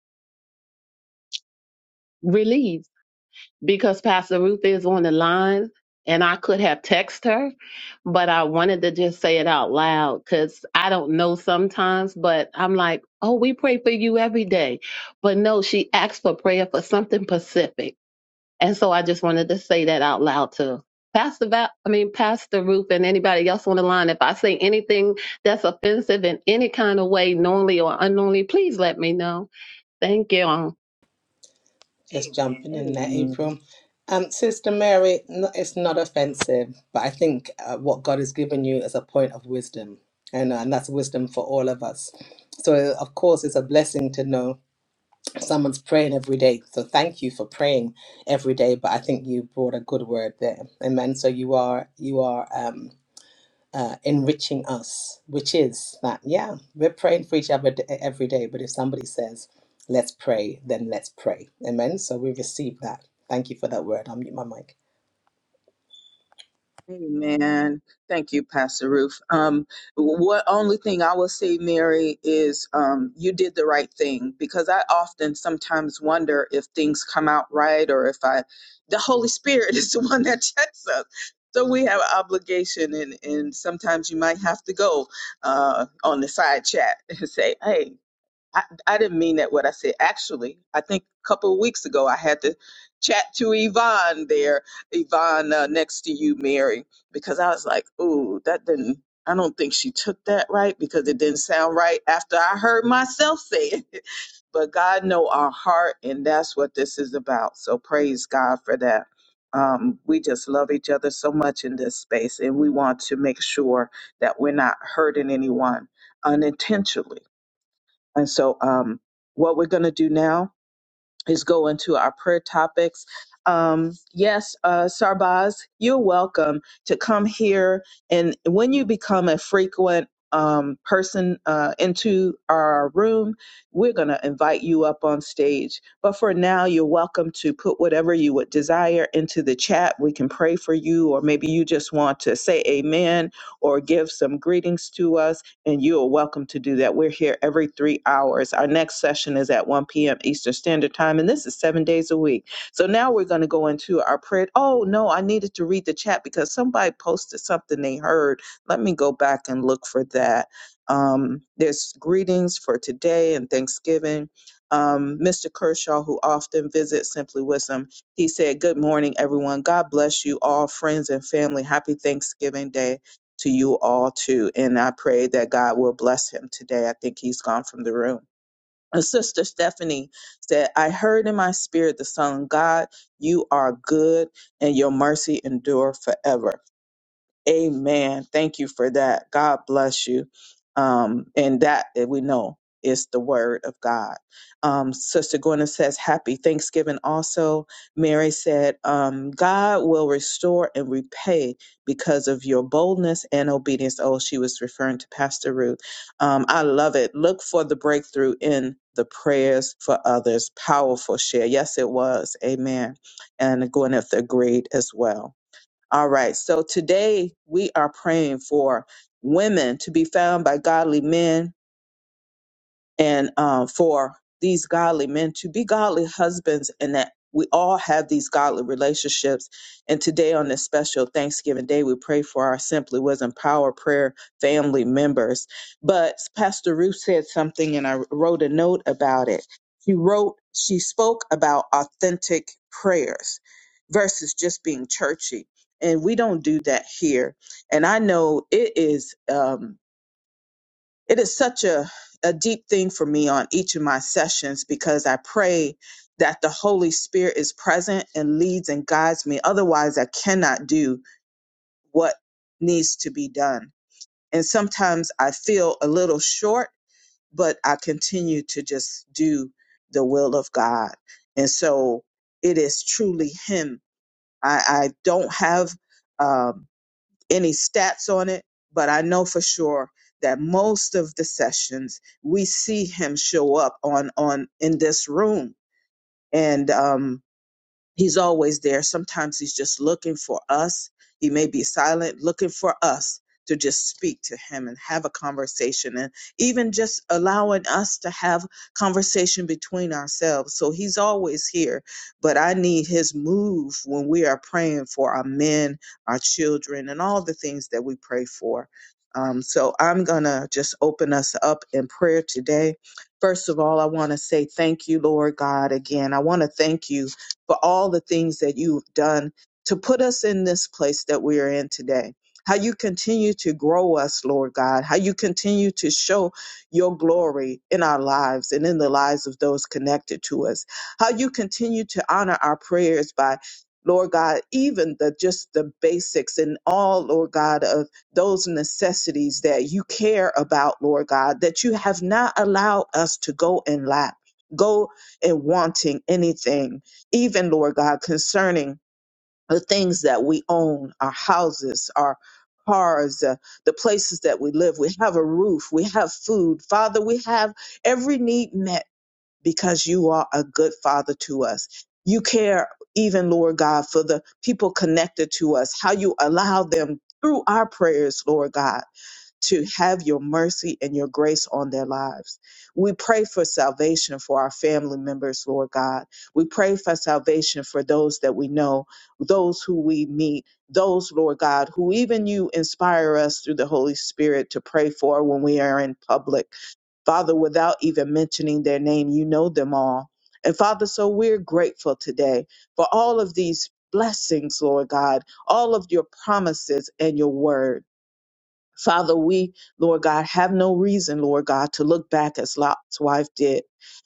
C: relieved because Pastor Ruth is on the line and I could have texted her, but I wanted to just say it out loud because I don't know sometimes, but I'm like, oh, we pray for you every day. But no, she asked for prayer for something specific. And so I just wanted to say that out loud to Pastor Val, I mean, Pastor Ruth and anybody else on the line, if I say anything that's offensive in any kind of way, knowingly or unknowingly, please let me know. Thank you.
D: Just jumping in there,
A: Amen.
D: April. Um, Sister Mary, no, it's not offensive, but I think uh, what God has given you is a point of wisdom, and, uh, and that's wisdom for all of us. So, of course, it's a blessing to know someone's praying every day. So thank you for praying every day. But I think you brought a good word there. Amen. So you are you are um uh, enriching us, which is that yeah, we're praying for each other d- e, every day. But if somebody says, "Let's pray," then let's pray. Amen. So we receive that. Thank you for that word. I'll mute my mic.
A: Amen. Thank you, Pastor Ruth. Um, what only thing I will say, Mary, is um, you did the right thing because I often sometimes wonder if things come out right or if I, the Holy Spirit is the one that checks us. So we have an obligation, and, and sometimes you might have to go uh, on the side chat and say, "Hey, I, I didn't mean that what I said. Actually, I think a couple of weeks ago I had to chat to Yvonne there, Yvonne uh, next to you, Mary, because I was like, ooh, that didn't, I don't think she took that right because it didn't sound right after I heard myself say it. But God know our heart, and that's what this is about. So praise God for that. Um, we just love each other so much in this space, and we want to make sure that we're not hurting anyone unintentionally and so, um, what we're going to do now is go into our prayer topics. Um, yes, uh, Sarbaz, you're welcome to come here. And when you become a frequent um, person uh, into our room, we're going to invite you up on stage. But for now, you're welcome to put whatever you would desire into the chat. We can pray for you, or maybe you just want to say amen or give some greetings to us and you are welcome to do that. We're here every three hours. Our next session is at 1 p.m. Eastern Standard Time, and this is seven days a week. So now we're going to go into our prayer. Oh, no, I needed to read the chat because somebody posted something they heard. Let me go back and look for that. Um, there's greetings for today and Thanksgiving. Um, Mr. Kershaw, who often visits Simply Wisdom, he said, Good morning, everyone. God bless you all, friends and family. Happy Thanksgiving Day to you all too. And I pray that God will bless him today. I think he's gone from the room. And Sister Stephanie said, I heard in my spirit the song, God, you are good and your mercy endure forever. Amen. Thank you for that. God bless you. Um, and that that we know is the word of God. Um, Sister Gwyneth says, Happy Thanksgiving also. Mary said, um, God will restore and repay because of your boldness and obedience. Oh, she was referring to Pastor Ruth. Um, I love it. Look for the breakthrough in the prayers for others. Powerful share. Yes, it was. Amen. And Gwyneth agreed as well. All right. So today we are praying for women to be found by godly men and uh, for these godly men to be godly husbands and that we all have these godly relationships. And today on this special Thanksgiving Day, we pray for our Simply Wisdom Power Prayer family members. But Pastor Ruth said something and I wrote a note about it. She wrote, she spoke about authentic prayers versus just being churchy. And we don't do that here. And I know it is. Um, it is such a, a deep thing for me on each of my sessions because I pray that the Holy Spirit is present and leads and guides me. Otherwise, I cannot do what needs to be done. And sometimes I feel a little short, but I continue to just do the will of God. And so it is truly Him. I, I don't have. Um, any stats on it, but I know for sure that most of the sessions we see him show up on on in this room, and um, He's always there. Sometimes he's just looking for us. He may be silent, looking for us to just speak to him and have a conversation and even just allowing us to have conversation between ourselves. So he's always here, but I need his move when we are praying for our men, our children, and all the things that we pray for. Um, so I'm going to just open us up in prayer today. First of all, I want to say thank you, Lord God, again. I want to thank you for all the things that you've done to put us in this place that we are in today. How you continue to grow us, Lord God. How you continue to show your glory in our lives and in the lives of those connected to us. How you continue to honor our prayers by Lord God, even the just the basics and all, Lord God, of those necessities that you care about, Lord God, that you have not allowed us to go and lack, go and wanting anything even Lord God, concerning the things that we own, our houses, our cars, uh, the places that we live. We have a roof, we have food. Father, we have every need met because you are a good father to us. You care even, Lord God, for the people connected to us, how you allow them through our prayers, Lord God to have your mercy and your grace on their lives. We pray for salvation for our family members, Lord God. We pray for salvation for those that we know, those who we meet, those, Lord God, who even you inspire us through the Holy Spirit to pray for when we are in public. Father, without even mentioning their name, you know them all. And Father, so we're grateful today for all of these blessings, Lord God, all of your promises and your word. Father, we, Lord God, have no reason, Lord God, to look back as Lot's wife did.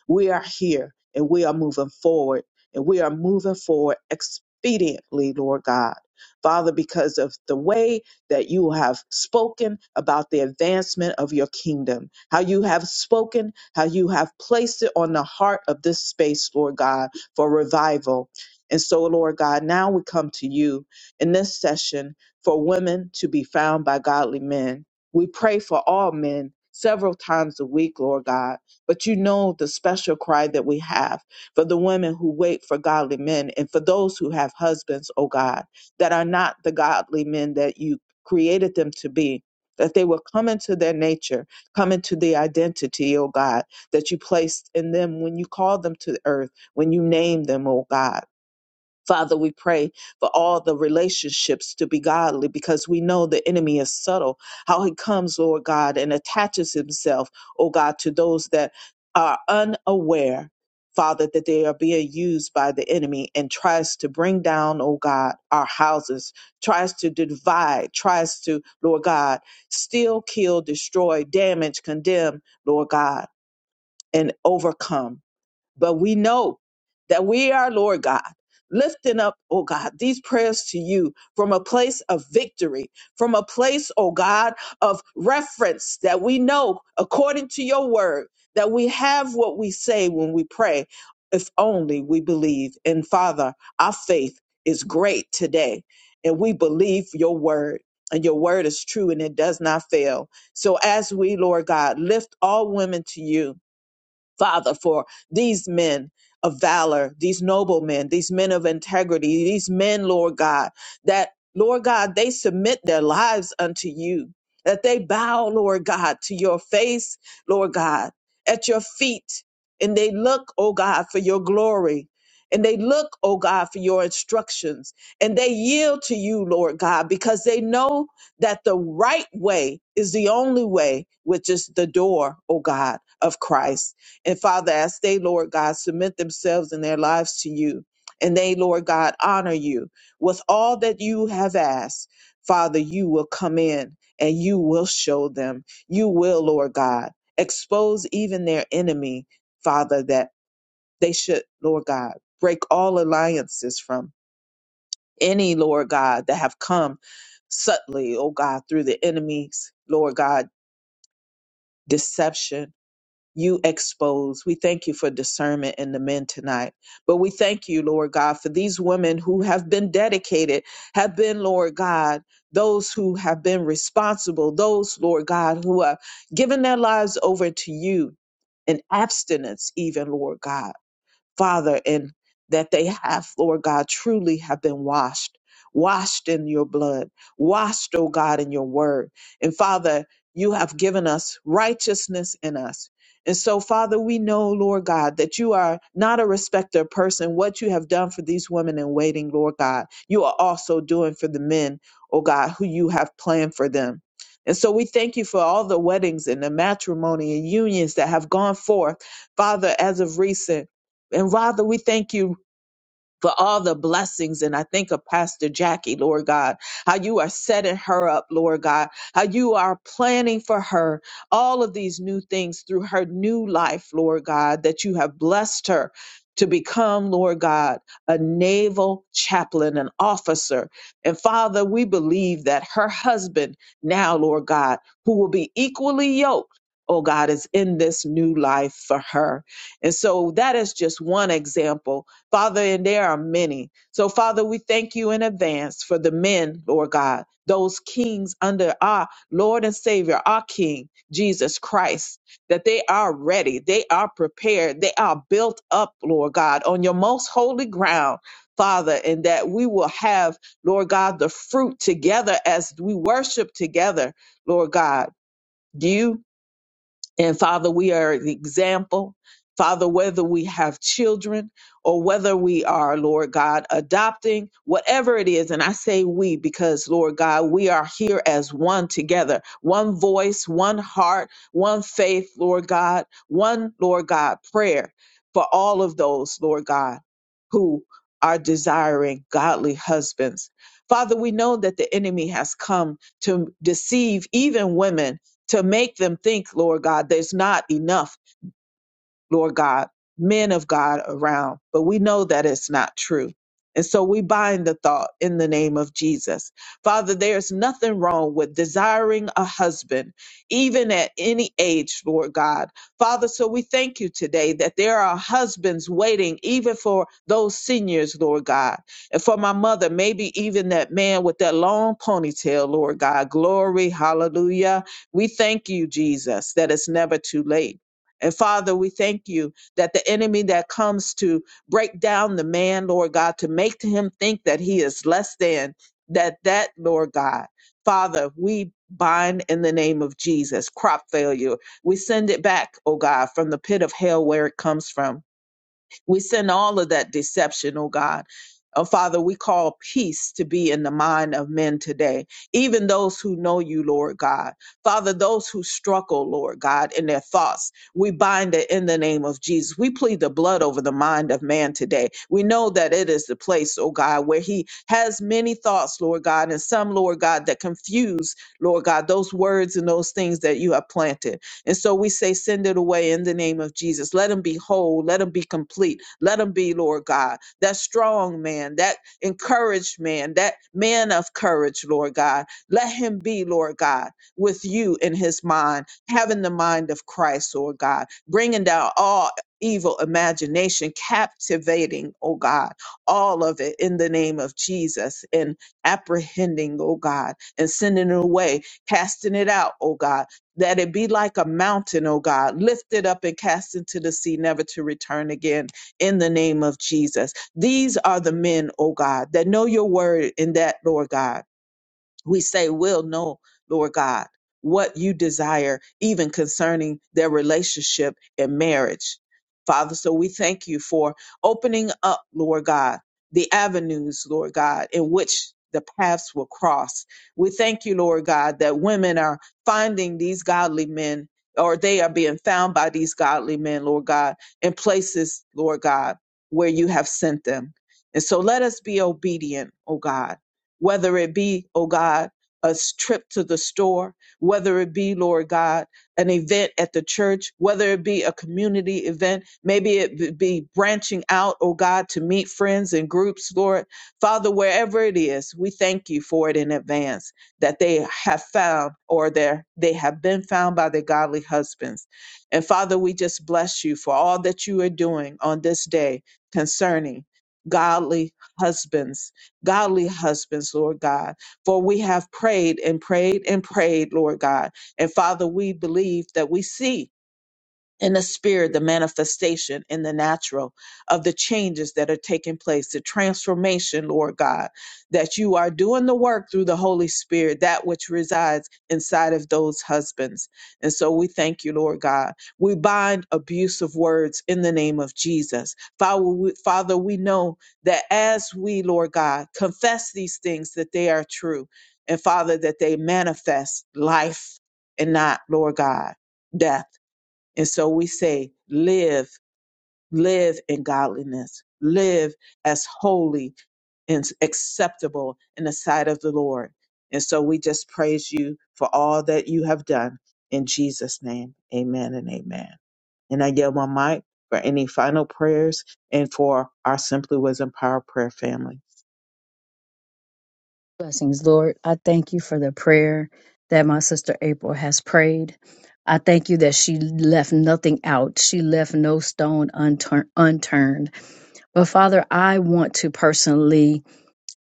A: We are here and we are moving forward and we are moving forward expediently, Lord God. Father, because of the way that you have spoken about the advancement of your kingdom, how you have spoken, how you have placed it on the heart of this space, Lord God, for revival. And so, Lord God, now we come to you in this session for women to be found by godly men. We pray for all men several times a week, Lord God, but you know the special cry that we have for the women who wait for godly men and for those who have husbands, oh God, that are not the godly men that you created them to be. That they will come into their nature, come into the identity, oh God, that you placed in them when you called them to earth, when you named them, oh God. Father, we pray for all the relationships to be godly because we know the enemy is subtle, how he comes, Lord God, and attaches himself, oh God, to those that are unaware, Father, that they are being used by the enemy and tries to bring down, oh God, our houses, tries to divide, tries to, Lord God, steal, kill, destroy, damage, condemn, Lord God, and overcome. But we know that we are, Lord God, lifting up, oh God, these prayers to you from a place of victory, from a place, oh God, of reference that we know according to your word that we have what we say when we pray, if only we believe. And Father, our faith is great today, and we believe your word. And your word is true and it does not fail. So, as we, Lord God, lift all women to you, Father, for these men of valor, these noble men, these men of integrity, these men, Lord God, that, Lord God, they submit their lives unto you, that they bow, Lord God, to your face, Lord God, at your feet, and they look, oh God, for your glory. And they look, oh God, for your instructions and they yield to you, Lord God, because they know that the right way is the only way, which is the door, oh God, of Christ. And Father, as they, Lord God, submit themselves and their lives to you, and they, Lord God, honor you with all that you have asked, Father, you will come in and you will show them. You will, Lord God, expose even their enemy, Father, that they should, Lord God, break all alliances from any, Lord God, that have come subtly, oh God, through the enemy's, Lord God, deception you expose. We thank you for discernment in the men tonight. But we thank you, Lord God, for these women who have been dedicated, have been, Lord God, those who have been responsible, those, Lord God, who have given their lives over to you in abstinence, even, Lord God. Father, and that they have, Lord God, truly have been washed, washed in your blood, washed, oh God, in your word. And Father, you have given us righteousness in us. And so, Father, we know, Lord God, that you are not a respecter of person. What you have done for these women in waiting, Lord God, you are also doing for the men, oh God, who you have planned for them. And so we thank you for all the weddings and the matrimony and unions that have gone forth, Father, as of recent. And Father, we thank you for all the blessings. And I think of Pastor Jackie, Lord God, how you are setting her up, Lord God, how you are planning for her all of these new things through her new life, Lord God, that you have blessed her to become, Lord God, a naval chaplain, an officer. And Father, we believe that her husband now, Lord God, who will be equally yoked. Oh God, is in this new life for her. And so that is just one example Father, and there are many. So, Father, we thank you in advance for the men, Lord God, those kings under our Lord and Savior, our King, Jesus Christ, that they are ready, they are prepared, they are built up, Lord God, on your most holy ground. Father, and that we will have, Lord God, the fruit together as we worship together, Lord God, you and Father, we are the example. Father, whether we have children or whether we are, Lord God, adopting, whatever it is, and I say we because, Lord God, we are here as one together, one voice, one heart, one faith, Lord God, one, Lord God, prayer for all of those, Lord God, who are desiring godly husbands. Father, we know that the enemy has come to deceive even women to make them think, Lord God, there's not enough Lord God, men of God around, but we know that it's not true. And so we bind the thought in the name of Jesus. Father, there's nothing wrong with desiring a husband, even at any age, Lord God. Father, so we thank you today that there are husbands waiting, even for those seniors, Lord God. And for my mother, maybe even that man with that long ponytail, Lord God. Glory, hallelujah. We thank you, Jesus, that it's never too late. And Father, we thank you that the enemy that comes to break down the man, Lord God, to make him think that he is less than, that that, Lord God, Father, we bind in the name of Jesus crop failure. We send it back, oh God, from the pit of hell where it comes from. We send all of that deception, oh God. Oh, Father, we call peace to be in the mind of men today, even those who know you, Lord God. Father, those who struggle, Lord God, in their thoughts, we bind it in the name of Jesus. We plead the blood over the mind of man today. We know that it is the place, oh God, where he has many thoughts, Lord God, and some, Lord God, that confuse, Lord God, those words and those things that you have planted. And so we say, send it away in the name of Jesus. Let him be whole. Let him be complete. Let him be, Lord God, that strong man, that encouraged man, that man of courage, Lord God. Let him be, Lord God, with you in his mind, having the mind of Christ, Lord God, bringing down all evil imagination, captivating, oh God, all of it in the name of Jesus and apprehending, oh God, and sending it away, casting it out, oh God that it be like a mountain, O God, lifted up and cast into the sea, never to return again, in the name of Jesus. These are the men, O God, that know your word in that, Lord God we say will know, Lord God, what you desire, even concerning their relationship in marriage. Father, so we thank you for opening up, Lord God, the avenues, Lord God, in which the paths will cross. We thank you, Lord God, that women are finding these godly men or they are being found by these godly men, Lord God, in places, Lord God, where you have sent them. And so let us be obedient, oh God whether it be, oh God, a s- trip to the store, whether it be, Lord God, an event at the church, whether it be a community event, maybe it b- be branching out, oh God, to meet friends and groups, Lord. Father, wherever it is, we thank you for it in advance that they have found or their, they have been found by their godly husbands. And Father, we just bless you for all that you are doing on this day concerning godly husbands godly husbands, Lord God. For we have prayed and prayed and prayed, Lord God. And Father, we believe that we see in the spirit, the manifestation in the natural of the changes that are taking place, the transformation, Lord God, that you are doing the work through the Holy Spirit, that which resides inside of those husbands. And so we thank you, Lord God. We bind abusive words in the name of Jesus. Father, we, Father, we know that as we, Lord God, confess these things, that they are true. And Father, that they manifest life and not, Lord God, death. And so we say, live, live in godliness, live as holy and acceptable in the sight of the Lord. And so we just praise you for all that you have done in Jesus' name. Amen and amen. And I yield my mic for any final prayers and for our Simply Wisdom Power Prayer family.
E: Blessings, Lord. I thank you for the prayer that my sister April has prayed. I thank you that she left nothing out. She left no stone untur- unturned. But Father, I want to personally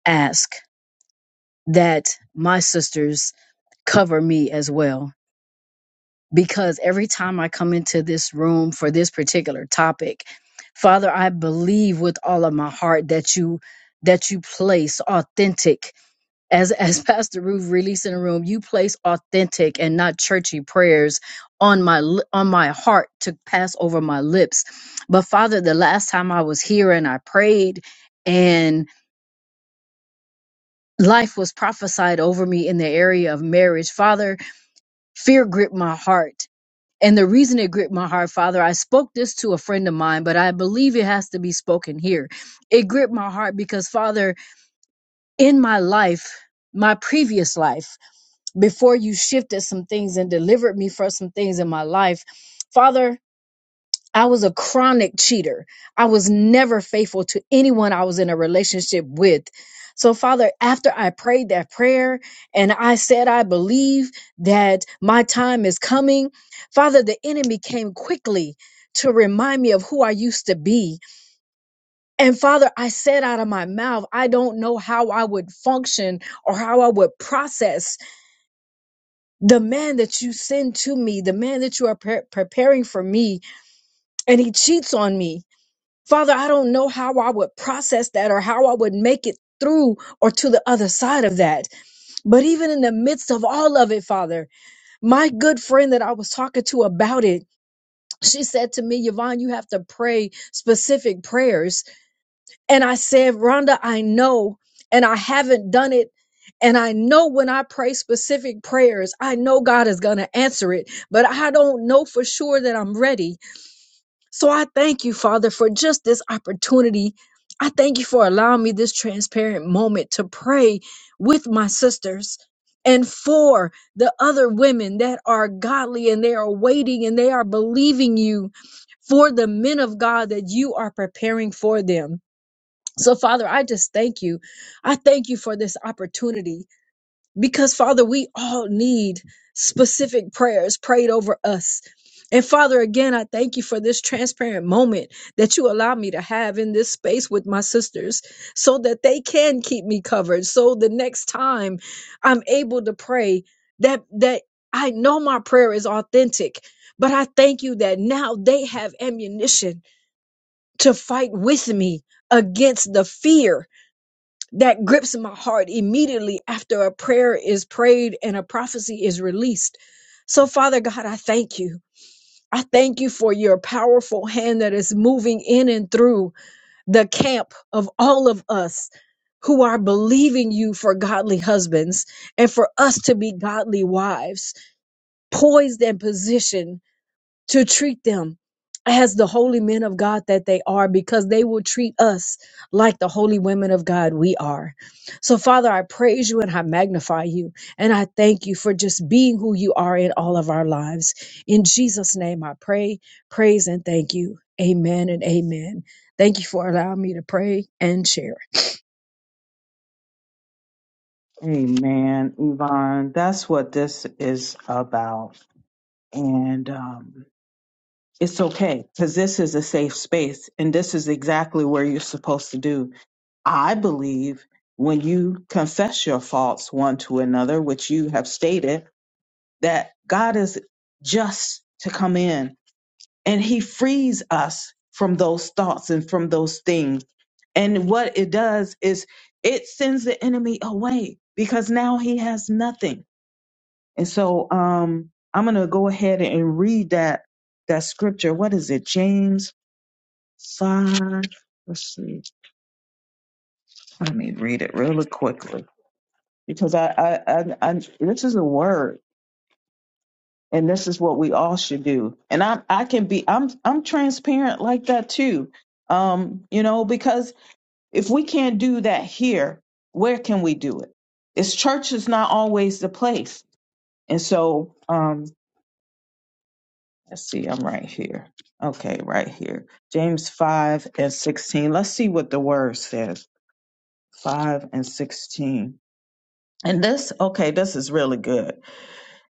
E: ask that my sisters cover me as well because every time I come into this room for this particular topic, Father, I believe with all of my heart that you that you place authentic as as Pastor Ruth released in the room, you place authentic and not churchy prayers on my li- on my heart to pass over my lips. But Father, the last time I was here and I prayed and life was prophesied over me in the area of marriage, Father, fear gripped my heart And the reason it gripped my heart, Father, I spoke this to a friend of mine, but I believe it has to be spoken here. It gripped my heart because, Father, in my life, my previous life, before you shifted some things and delivered me from some things in my life, Father, I was a chronic cheater. I was never faithful to anyone I was in a relationship with. So, Father, after I prayed that prayer and I said, I believe that my time is coming, Father, the enemy came quickly to remind me of who I used to be. And Father, I said out of my mouth, I don't know how I would function or how I would process the man that you send to me, the man that you are pre- preparing for me, and he cheats on me Father, I don't know how I would process that or how I would make it through or to the other side of that. But even in the midst of all of it, Father, my good friend that I was talking to about it, she said to me, Yvonne, you have to pray specific prayers. And I said, Rhonda, I know, and I haven't done it. And I know when I pray specific prayers, I know God is going to answer it, but I don't know for sure that I'm ready. So I thank you, Father, for just this opportunity. I thank you for allowing me this transparent moment to pray with my sisters and for the other women that are godly and they are waiting and they are believing you for the men of God that you are preparing for them. So, Father, I just thank you. I thank you for this opportunity because Father, we all need specific prayers prayed over us. And Father, again, I thank you for this transparent moment that you allow me to have in this space with my sisters so that they can keep me covered. So the next time I'm able to pray that, that I know my prayer is authentic, but I thank you that now they have ammunition to fight with me against the fear that grips my heart immediately after a prayer is prayed and a prophecy is released. So, Father God, I thank you. I thank you for your powerful hand that is moving in and through the camp of all of us who are believing you for godly husbands and for us to be godly wives, poised and positioned to treat them as the holy men of God that they are, because they will treat us like the holy women of God we are. So, Father, I praise you and I magnify you, and I thank you for just being who you are in all of our lives. In Jesus' name, I pray, praise, and thank you. Amen and amen. Thank you for allowing me to pray and share.
A: Amen, Yvonne. That's what this is about. And um, it's okay because this is a safe space and this is exactly where you're supposed to do. I believe when you confess your faults one to another, which you have stated, that God is just to come in and he frees us from those thoughts and from those things. And what it does is it sends the enemy away because now he has nothing. And so um, I'm going to go ahead and read that that scripture. What is it? James five. Let's see. Let me read it really quickly because I, I, I, I this is a word, and this is what we all should do. And I, I can be, I'm, I'm transparent like that too. Um, you know, because if we can't do that here, where can we do it? It's church is not always the place, and so, um, let's see. I'm right here. Okay, right here. James five and sixteen. Let's see what the word says. Five and sixteen And this, okay, this is really good.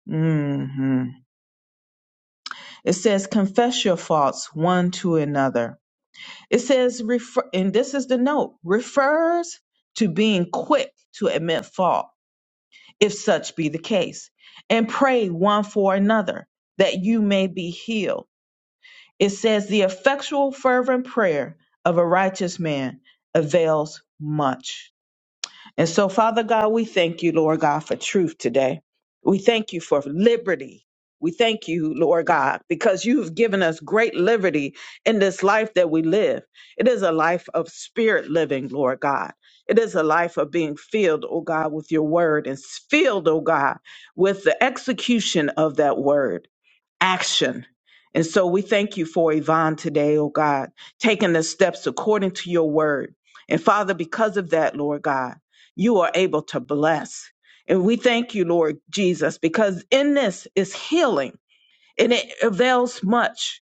A: hmm It says, confess your faults one to another. It says, refer, and this is the note, refers to being quick to admit fault, if such be the case, and pray one for another that you may be healed. It says, the effectual, fervent prayer of a righteous man avails much. And so, Father God, we thank you, Lord God, for truth today. We thank you for liberty. We thank you, Lord God, because you've given us great liberty in this life that we live. It is a life of spirit living, Lord God. It is a life of being filled, oh God, with your word and filled, oh God, with the execution of that word action. And so we thank you for Yvonne today, oh God, taking the steps according to your word. And Father, because of that, Lord God, you are able to bless. And we thank you, Lord Jesus, because in this is healing and it avails much.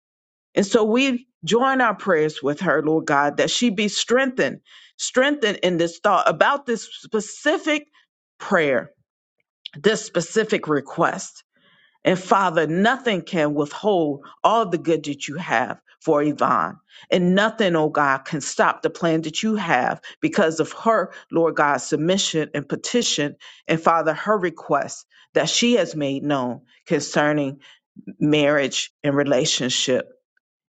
A: And so we join our prayers with her, Lord God, that she be strengthened, strengthened in this thought about this specific prayer, this specific request. And Father, nothing can withhold all the good that you have for Yvonne. And nothing, oh God, can stop the plan that you have because of her, Lord God, submission and petition, and Father, her request that she has made known concerning marriage and relationship.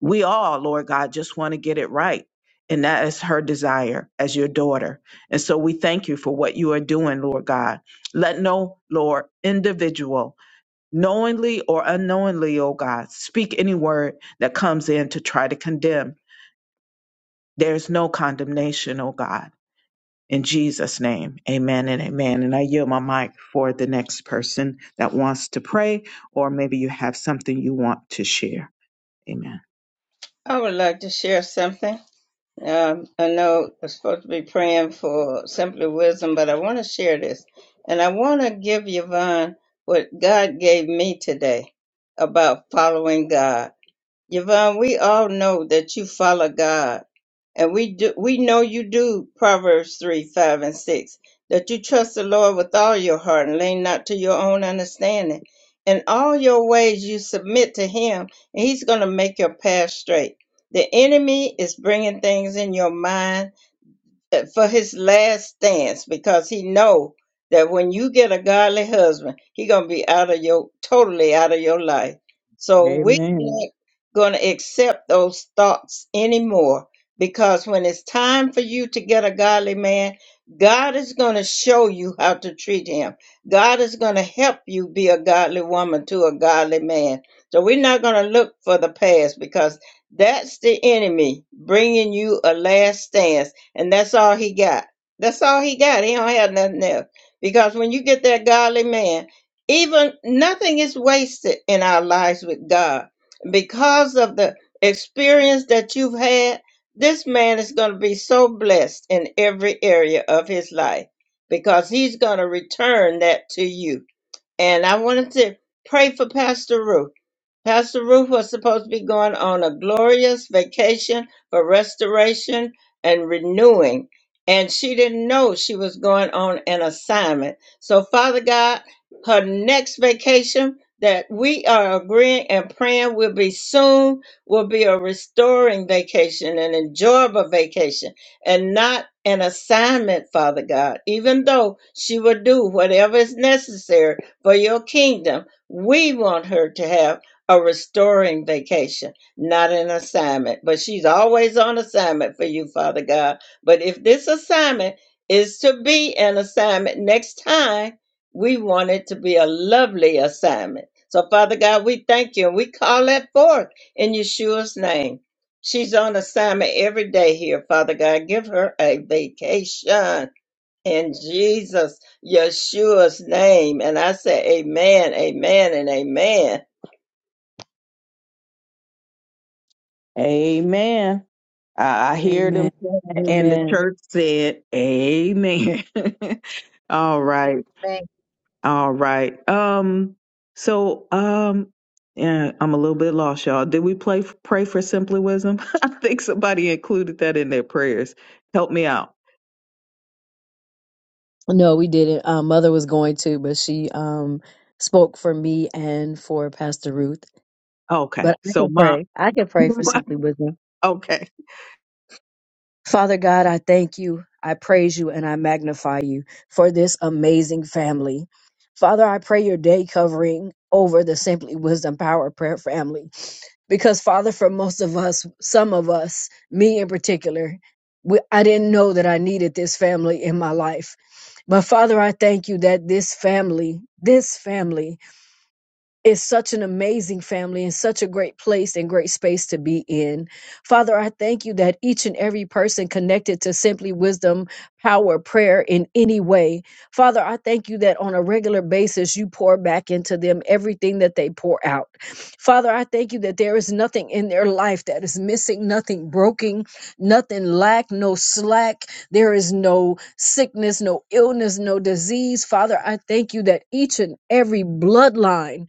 A: We all, Lord God, just want to get it right. And that is her desire as your daughter. And so we thank you for what you are doing, Lord God. Let no, Lord, individual knowingly or unknowingly, O God, speak any word that comes in to try to condemn. There's no condemnation, O God. In Jesus' name, amen and amen. And I yield my mic for the next person that wants to pray, or maybe you have something you want to share. Amen.
B: I would like to share something. Um, I know I'm supposed to be praying for simply wisdom, but I want to share this. And I want to give Yvonne what God gave me today about following God. Yvonne, we all know that you follow God and we do we know you do Proverbs three, five, and six, that you trust the Lord with all your heart and lean not to your own understanding. In all your ways you submit to him, and he's gonna make your path straight. The enemy is bringing things in your mind for his last stance because he know that when you get a godly husband, he gonna be out of your totally out of your life. So we're
A: Amen.
B: not gonna accept those thoughts anymore because when it's time for you to get a godly man, God is gonna show you how to treat him. God is gonna help you be a godly woman to a godly man. So we're not gonna look for the past because that's the enemy bringing you a last stance and that's all he got. That's all he got. He don't have nothing else. Because when you get that godly man, even nothing is wasted in our lives with God. Because of the experience that you've had, this man is going to be so blessed in every area of his life because he's going to return that to you. And I wanted to pray for Pastor Ruth. Pastor Ruth was supposed to be going on a glorious vacation for restoration and renewing, and she didn't know she was going on an assignment. So, Father God, her next vacation that we are agreeing and praying will be soon will be a restoring vacation, an enjoyable vacation, and not an assignment, Father God. Even though she will do whatever is necessary for your kingdom, we want her to have a restoring vacation, not an assignment. But she's always on assignment for you, Father God. But if this assignment is to be an assignment next time, we want it to be a lovely assignment. So, Father God, we thank you and we call that forth in Yeshua's name. She's on assignment every day here, Father God. Give her a vacation in Jesus, Yeshua's name. And I say, Amen, Amen, and Amen.
A: Amen. I I hear them
E: Amen.
A: saying it, and the
E: Amen.
A: church said, Amen. all right. All right. Um, so um yeah, I'm a little bit lost, y'all. Did we play pray for simply wisdom? I think somebody included that in their prayers. Help me out.
E: No, we didn't. Uh, Mother was going to, but she um, spoke for me and for Pastor Ruth. But
A: Okay.
E: I
A: So
E: can
A: my,
E: pray. I can pray for simply wisdom.
A: okay.
E: Father God, I thank you. I praise you and I magnify you for this amazing family. Father, I pray your day covering over the Simply Wisdom Power Prayer family. Because, Father, for most of us, some of us, me in particular, we, I didn't know that I needed this family in my life. But, Father, I thank you that this family, this family Is such an amazing family and such a great place and great space to be in. Father, I thank you that each and every person connected to Simply Wisdom, Power, Prayer in any way. Father, I thank you that on a regular basis you pour back into them everything that they pour out. Father, I thank you that there is nothing in their life that is missing, nothing broken, nothing lack, no slack. There is no sickness, no illness, no disease. Father, I thank you that each and every bloodline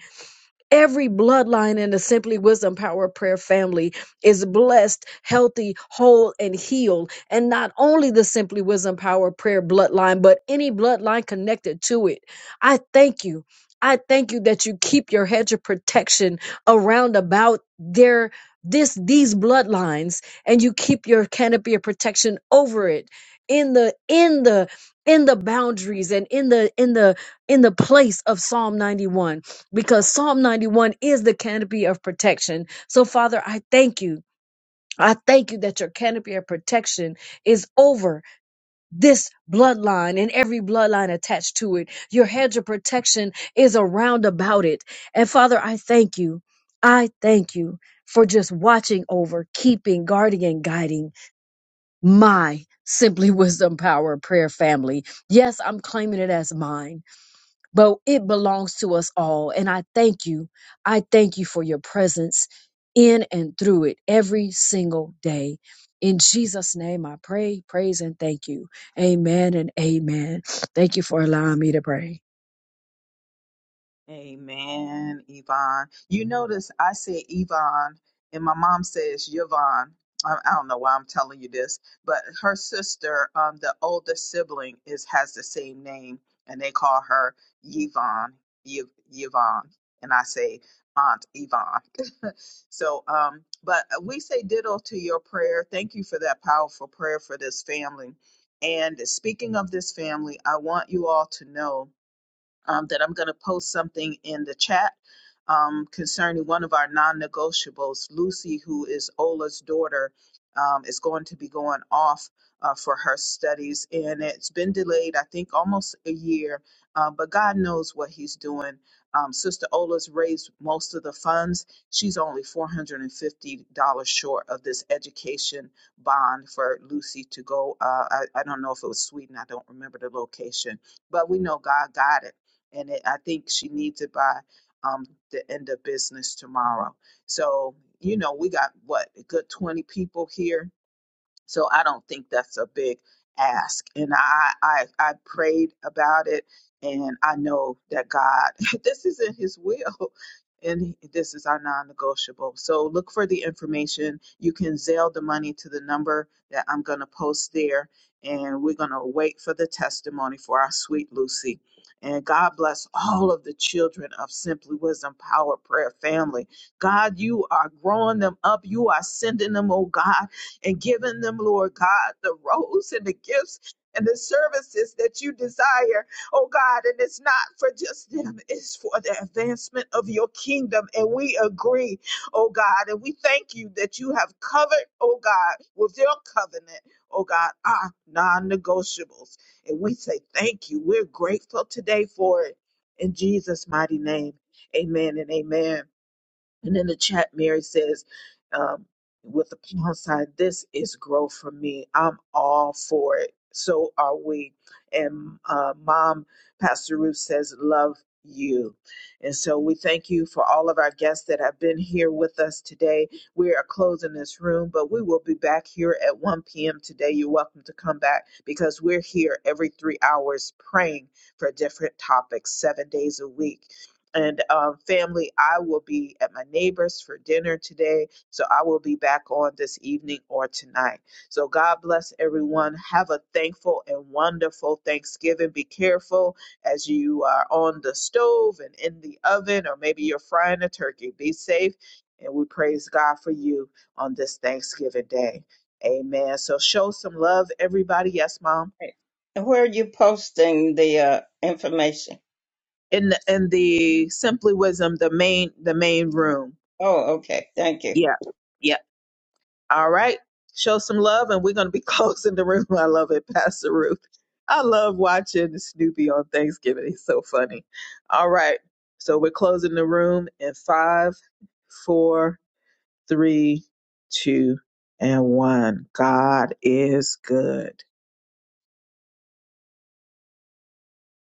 E: Every bloodline in the Simply Wisdom Power Prayer family is blessed, healthy, whole, and healed. And not only the Simply Wisdom Power Prayer bloodline, but any bloodline connected to it. I thank you. I thank you that you keep your hedge of protection around about their this these bloodlines and you keep your canopy of protection over it in the in the in the boundaries and in the in the in the place of Psalm 91 because Psalm 91 is the canopy of protection. So, Father, I thank you. I thank you that your canopy of protection is over this bloodline and every bloodline attached to it. Your hedge of protection is around about it. And Father, I thank you. I thank you for just watching over, keeping, guarding, and guiding my Simply Wisdom Power Prayer family. Yes, I'm claiming it as mine but it belongs to us all. And I thank you. I thank you for your presence in and through it every single day. In Jesus' name, I pray, praise, and thank you. Amen and amen. Thank you for allowing me to pray.
A: Amen, Yvonne. You notice I said Yvonne, and my mom says Yvonne. I, I don't know why I'm telling you this, but her sister, um, the older sibling, is has the same name, and they call her Yvonne. Y- Yvonne, and I say Aunt Yvonne. so, um, but we say ditto to your prayer. Thank you for that powerful prayer for this family. And speaking of this family, I want you all to know um, that I'm going to post something in the chat um, concerning one of our non negotiables. Lucy, who is Ola's daughter, um, is going to be going off uh, for her studies. And it's been delayed, I think, almost a year, uh, but God knows what He's doing. Um, Sister Ola's raised most of the funds. She's only $450 short of this education bond for Lucy to go. Uh, I, I don't know if it was Sweden, I don't remember the location, but we know God got it and it, I think she needs it by um, the end of business tomorrow. So you know, we got what a good twenty people here so I don't think that's a big ask. And I, I, I prayed about it and I know that God, this is in his will and this is our non-negotiable. So look for the information. You can Zelle the money to the number that I'm going to post there and we're going to wait for the testimony for our sweet Lucy. And God bless all of the children of Simply Wisdom Power Prayer family. God, you are growing them up. You are sending them, oh God and giving them, Lord God, the roles and the gifts and the services that you desire, oh God. And it's not for just them, it's for the advancement of your kingdom. And we agree, oh God. And we thank you that you have covered, oh God, with your covenant, oh God, our non negotiables. And we say thank you. We're grateful today for it. In Jesus' mighty name, amen and amen. And in the chat, Mary says, um, with the pound sign, this is growth for me. I'm all for it. So are we. And uh, mom, Pastor Ruth says, love you. And so we thank you for all of our guests that have been here with us today. We are closing this room, but we will be back here at 1 p.m. today. You're welcome to come back because we're here every three hours praying for different topics, seven days a week. And um, family, I will be at my neighbor's for dinner today. So I will be back on this evening or tonight. So God bless everyone. Have a thankful and wonderful Thanksgiving. Be careful as you are on the stove and in the oven, or maybe you're frying a turkey. Be safe. And we praise God for you on this Thanksgiving day. Amen. So show some love, everybody. Yes, mom.
B: Right. And where are you posting the uh, information?
A: In the, in the Simply Wisdom, the main the main room.
B: Oh, okay. Thank you.
A: Yeah. Yeah. All right. Show some love, and we're going to be closing the room. I love it, Pastor Ruth. I love watching Snoopy on Thanksgiving. He's so funny. All right. So we're closing the room in five, four, three, two, and one. God is good.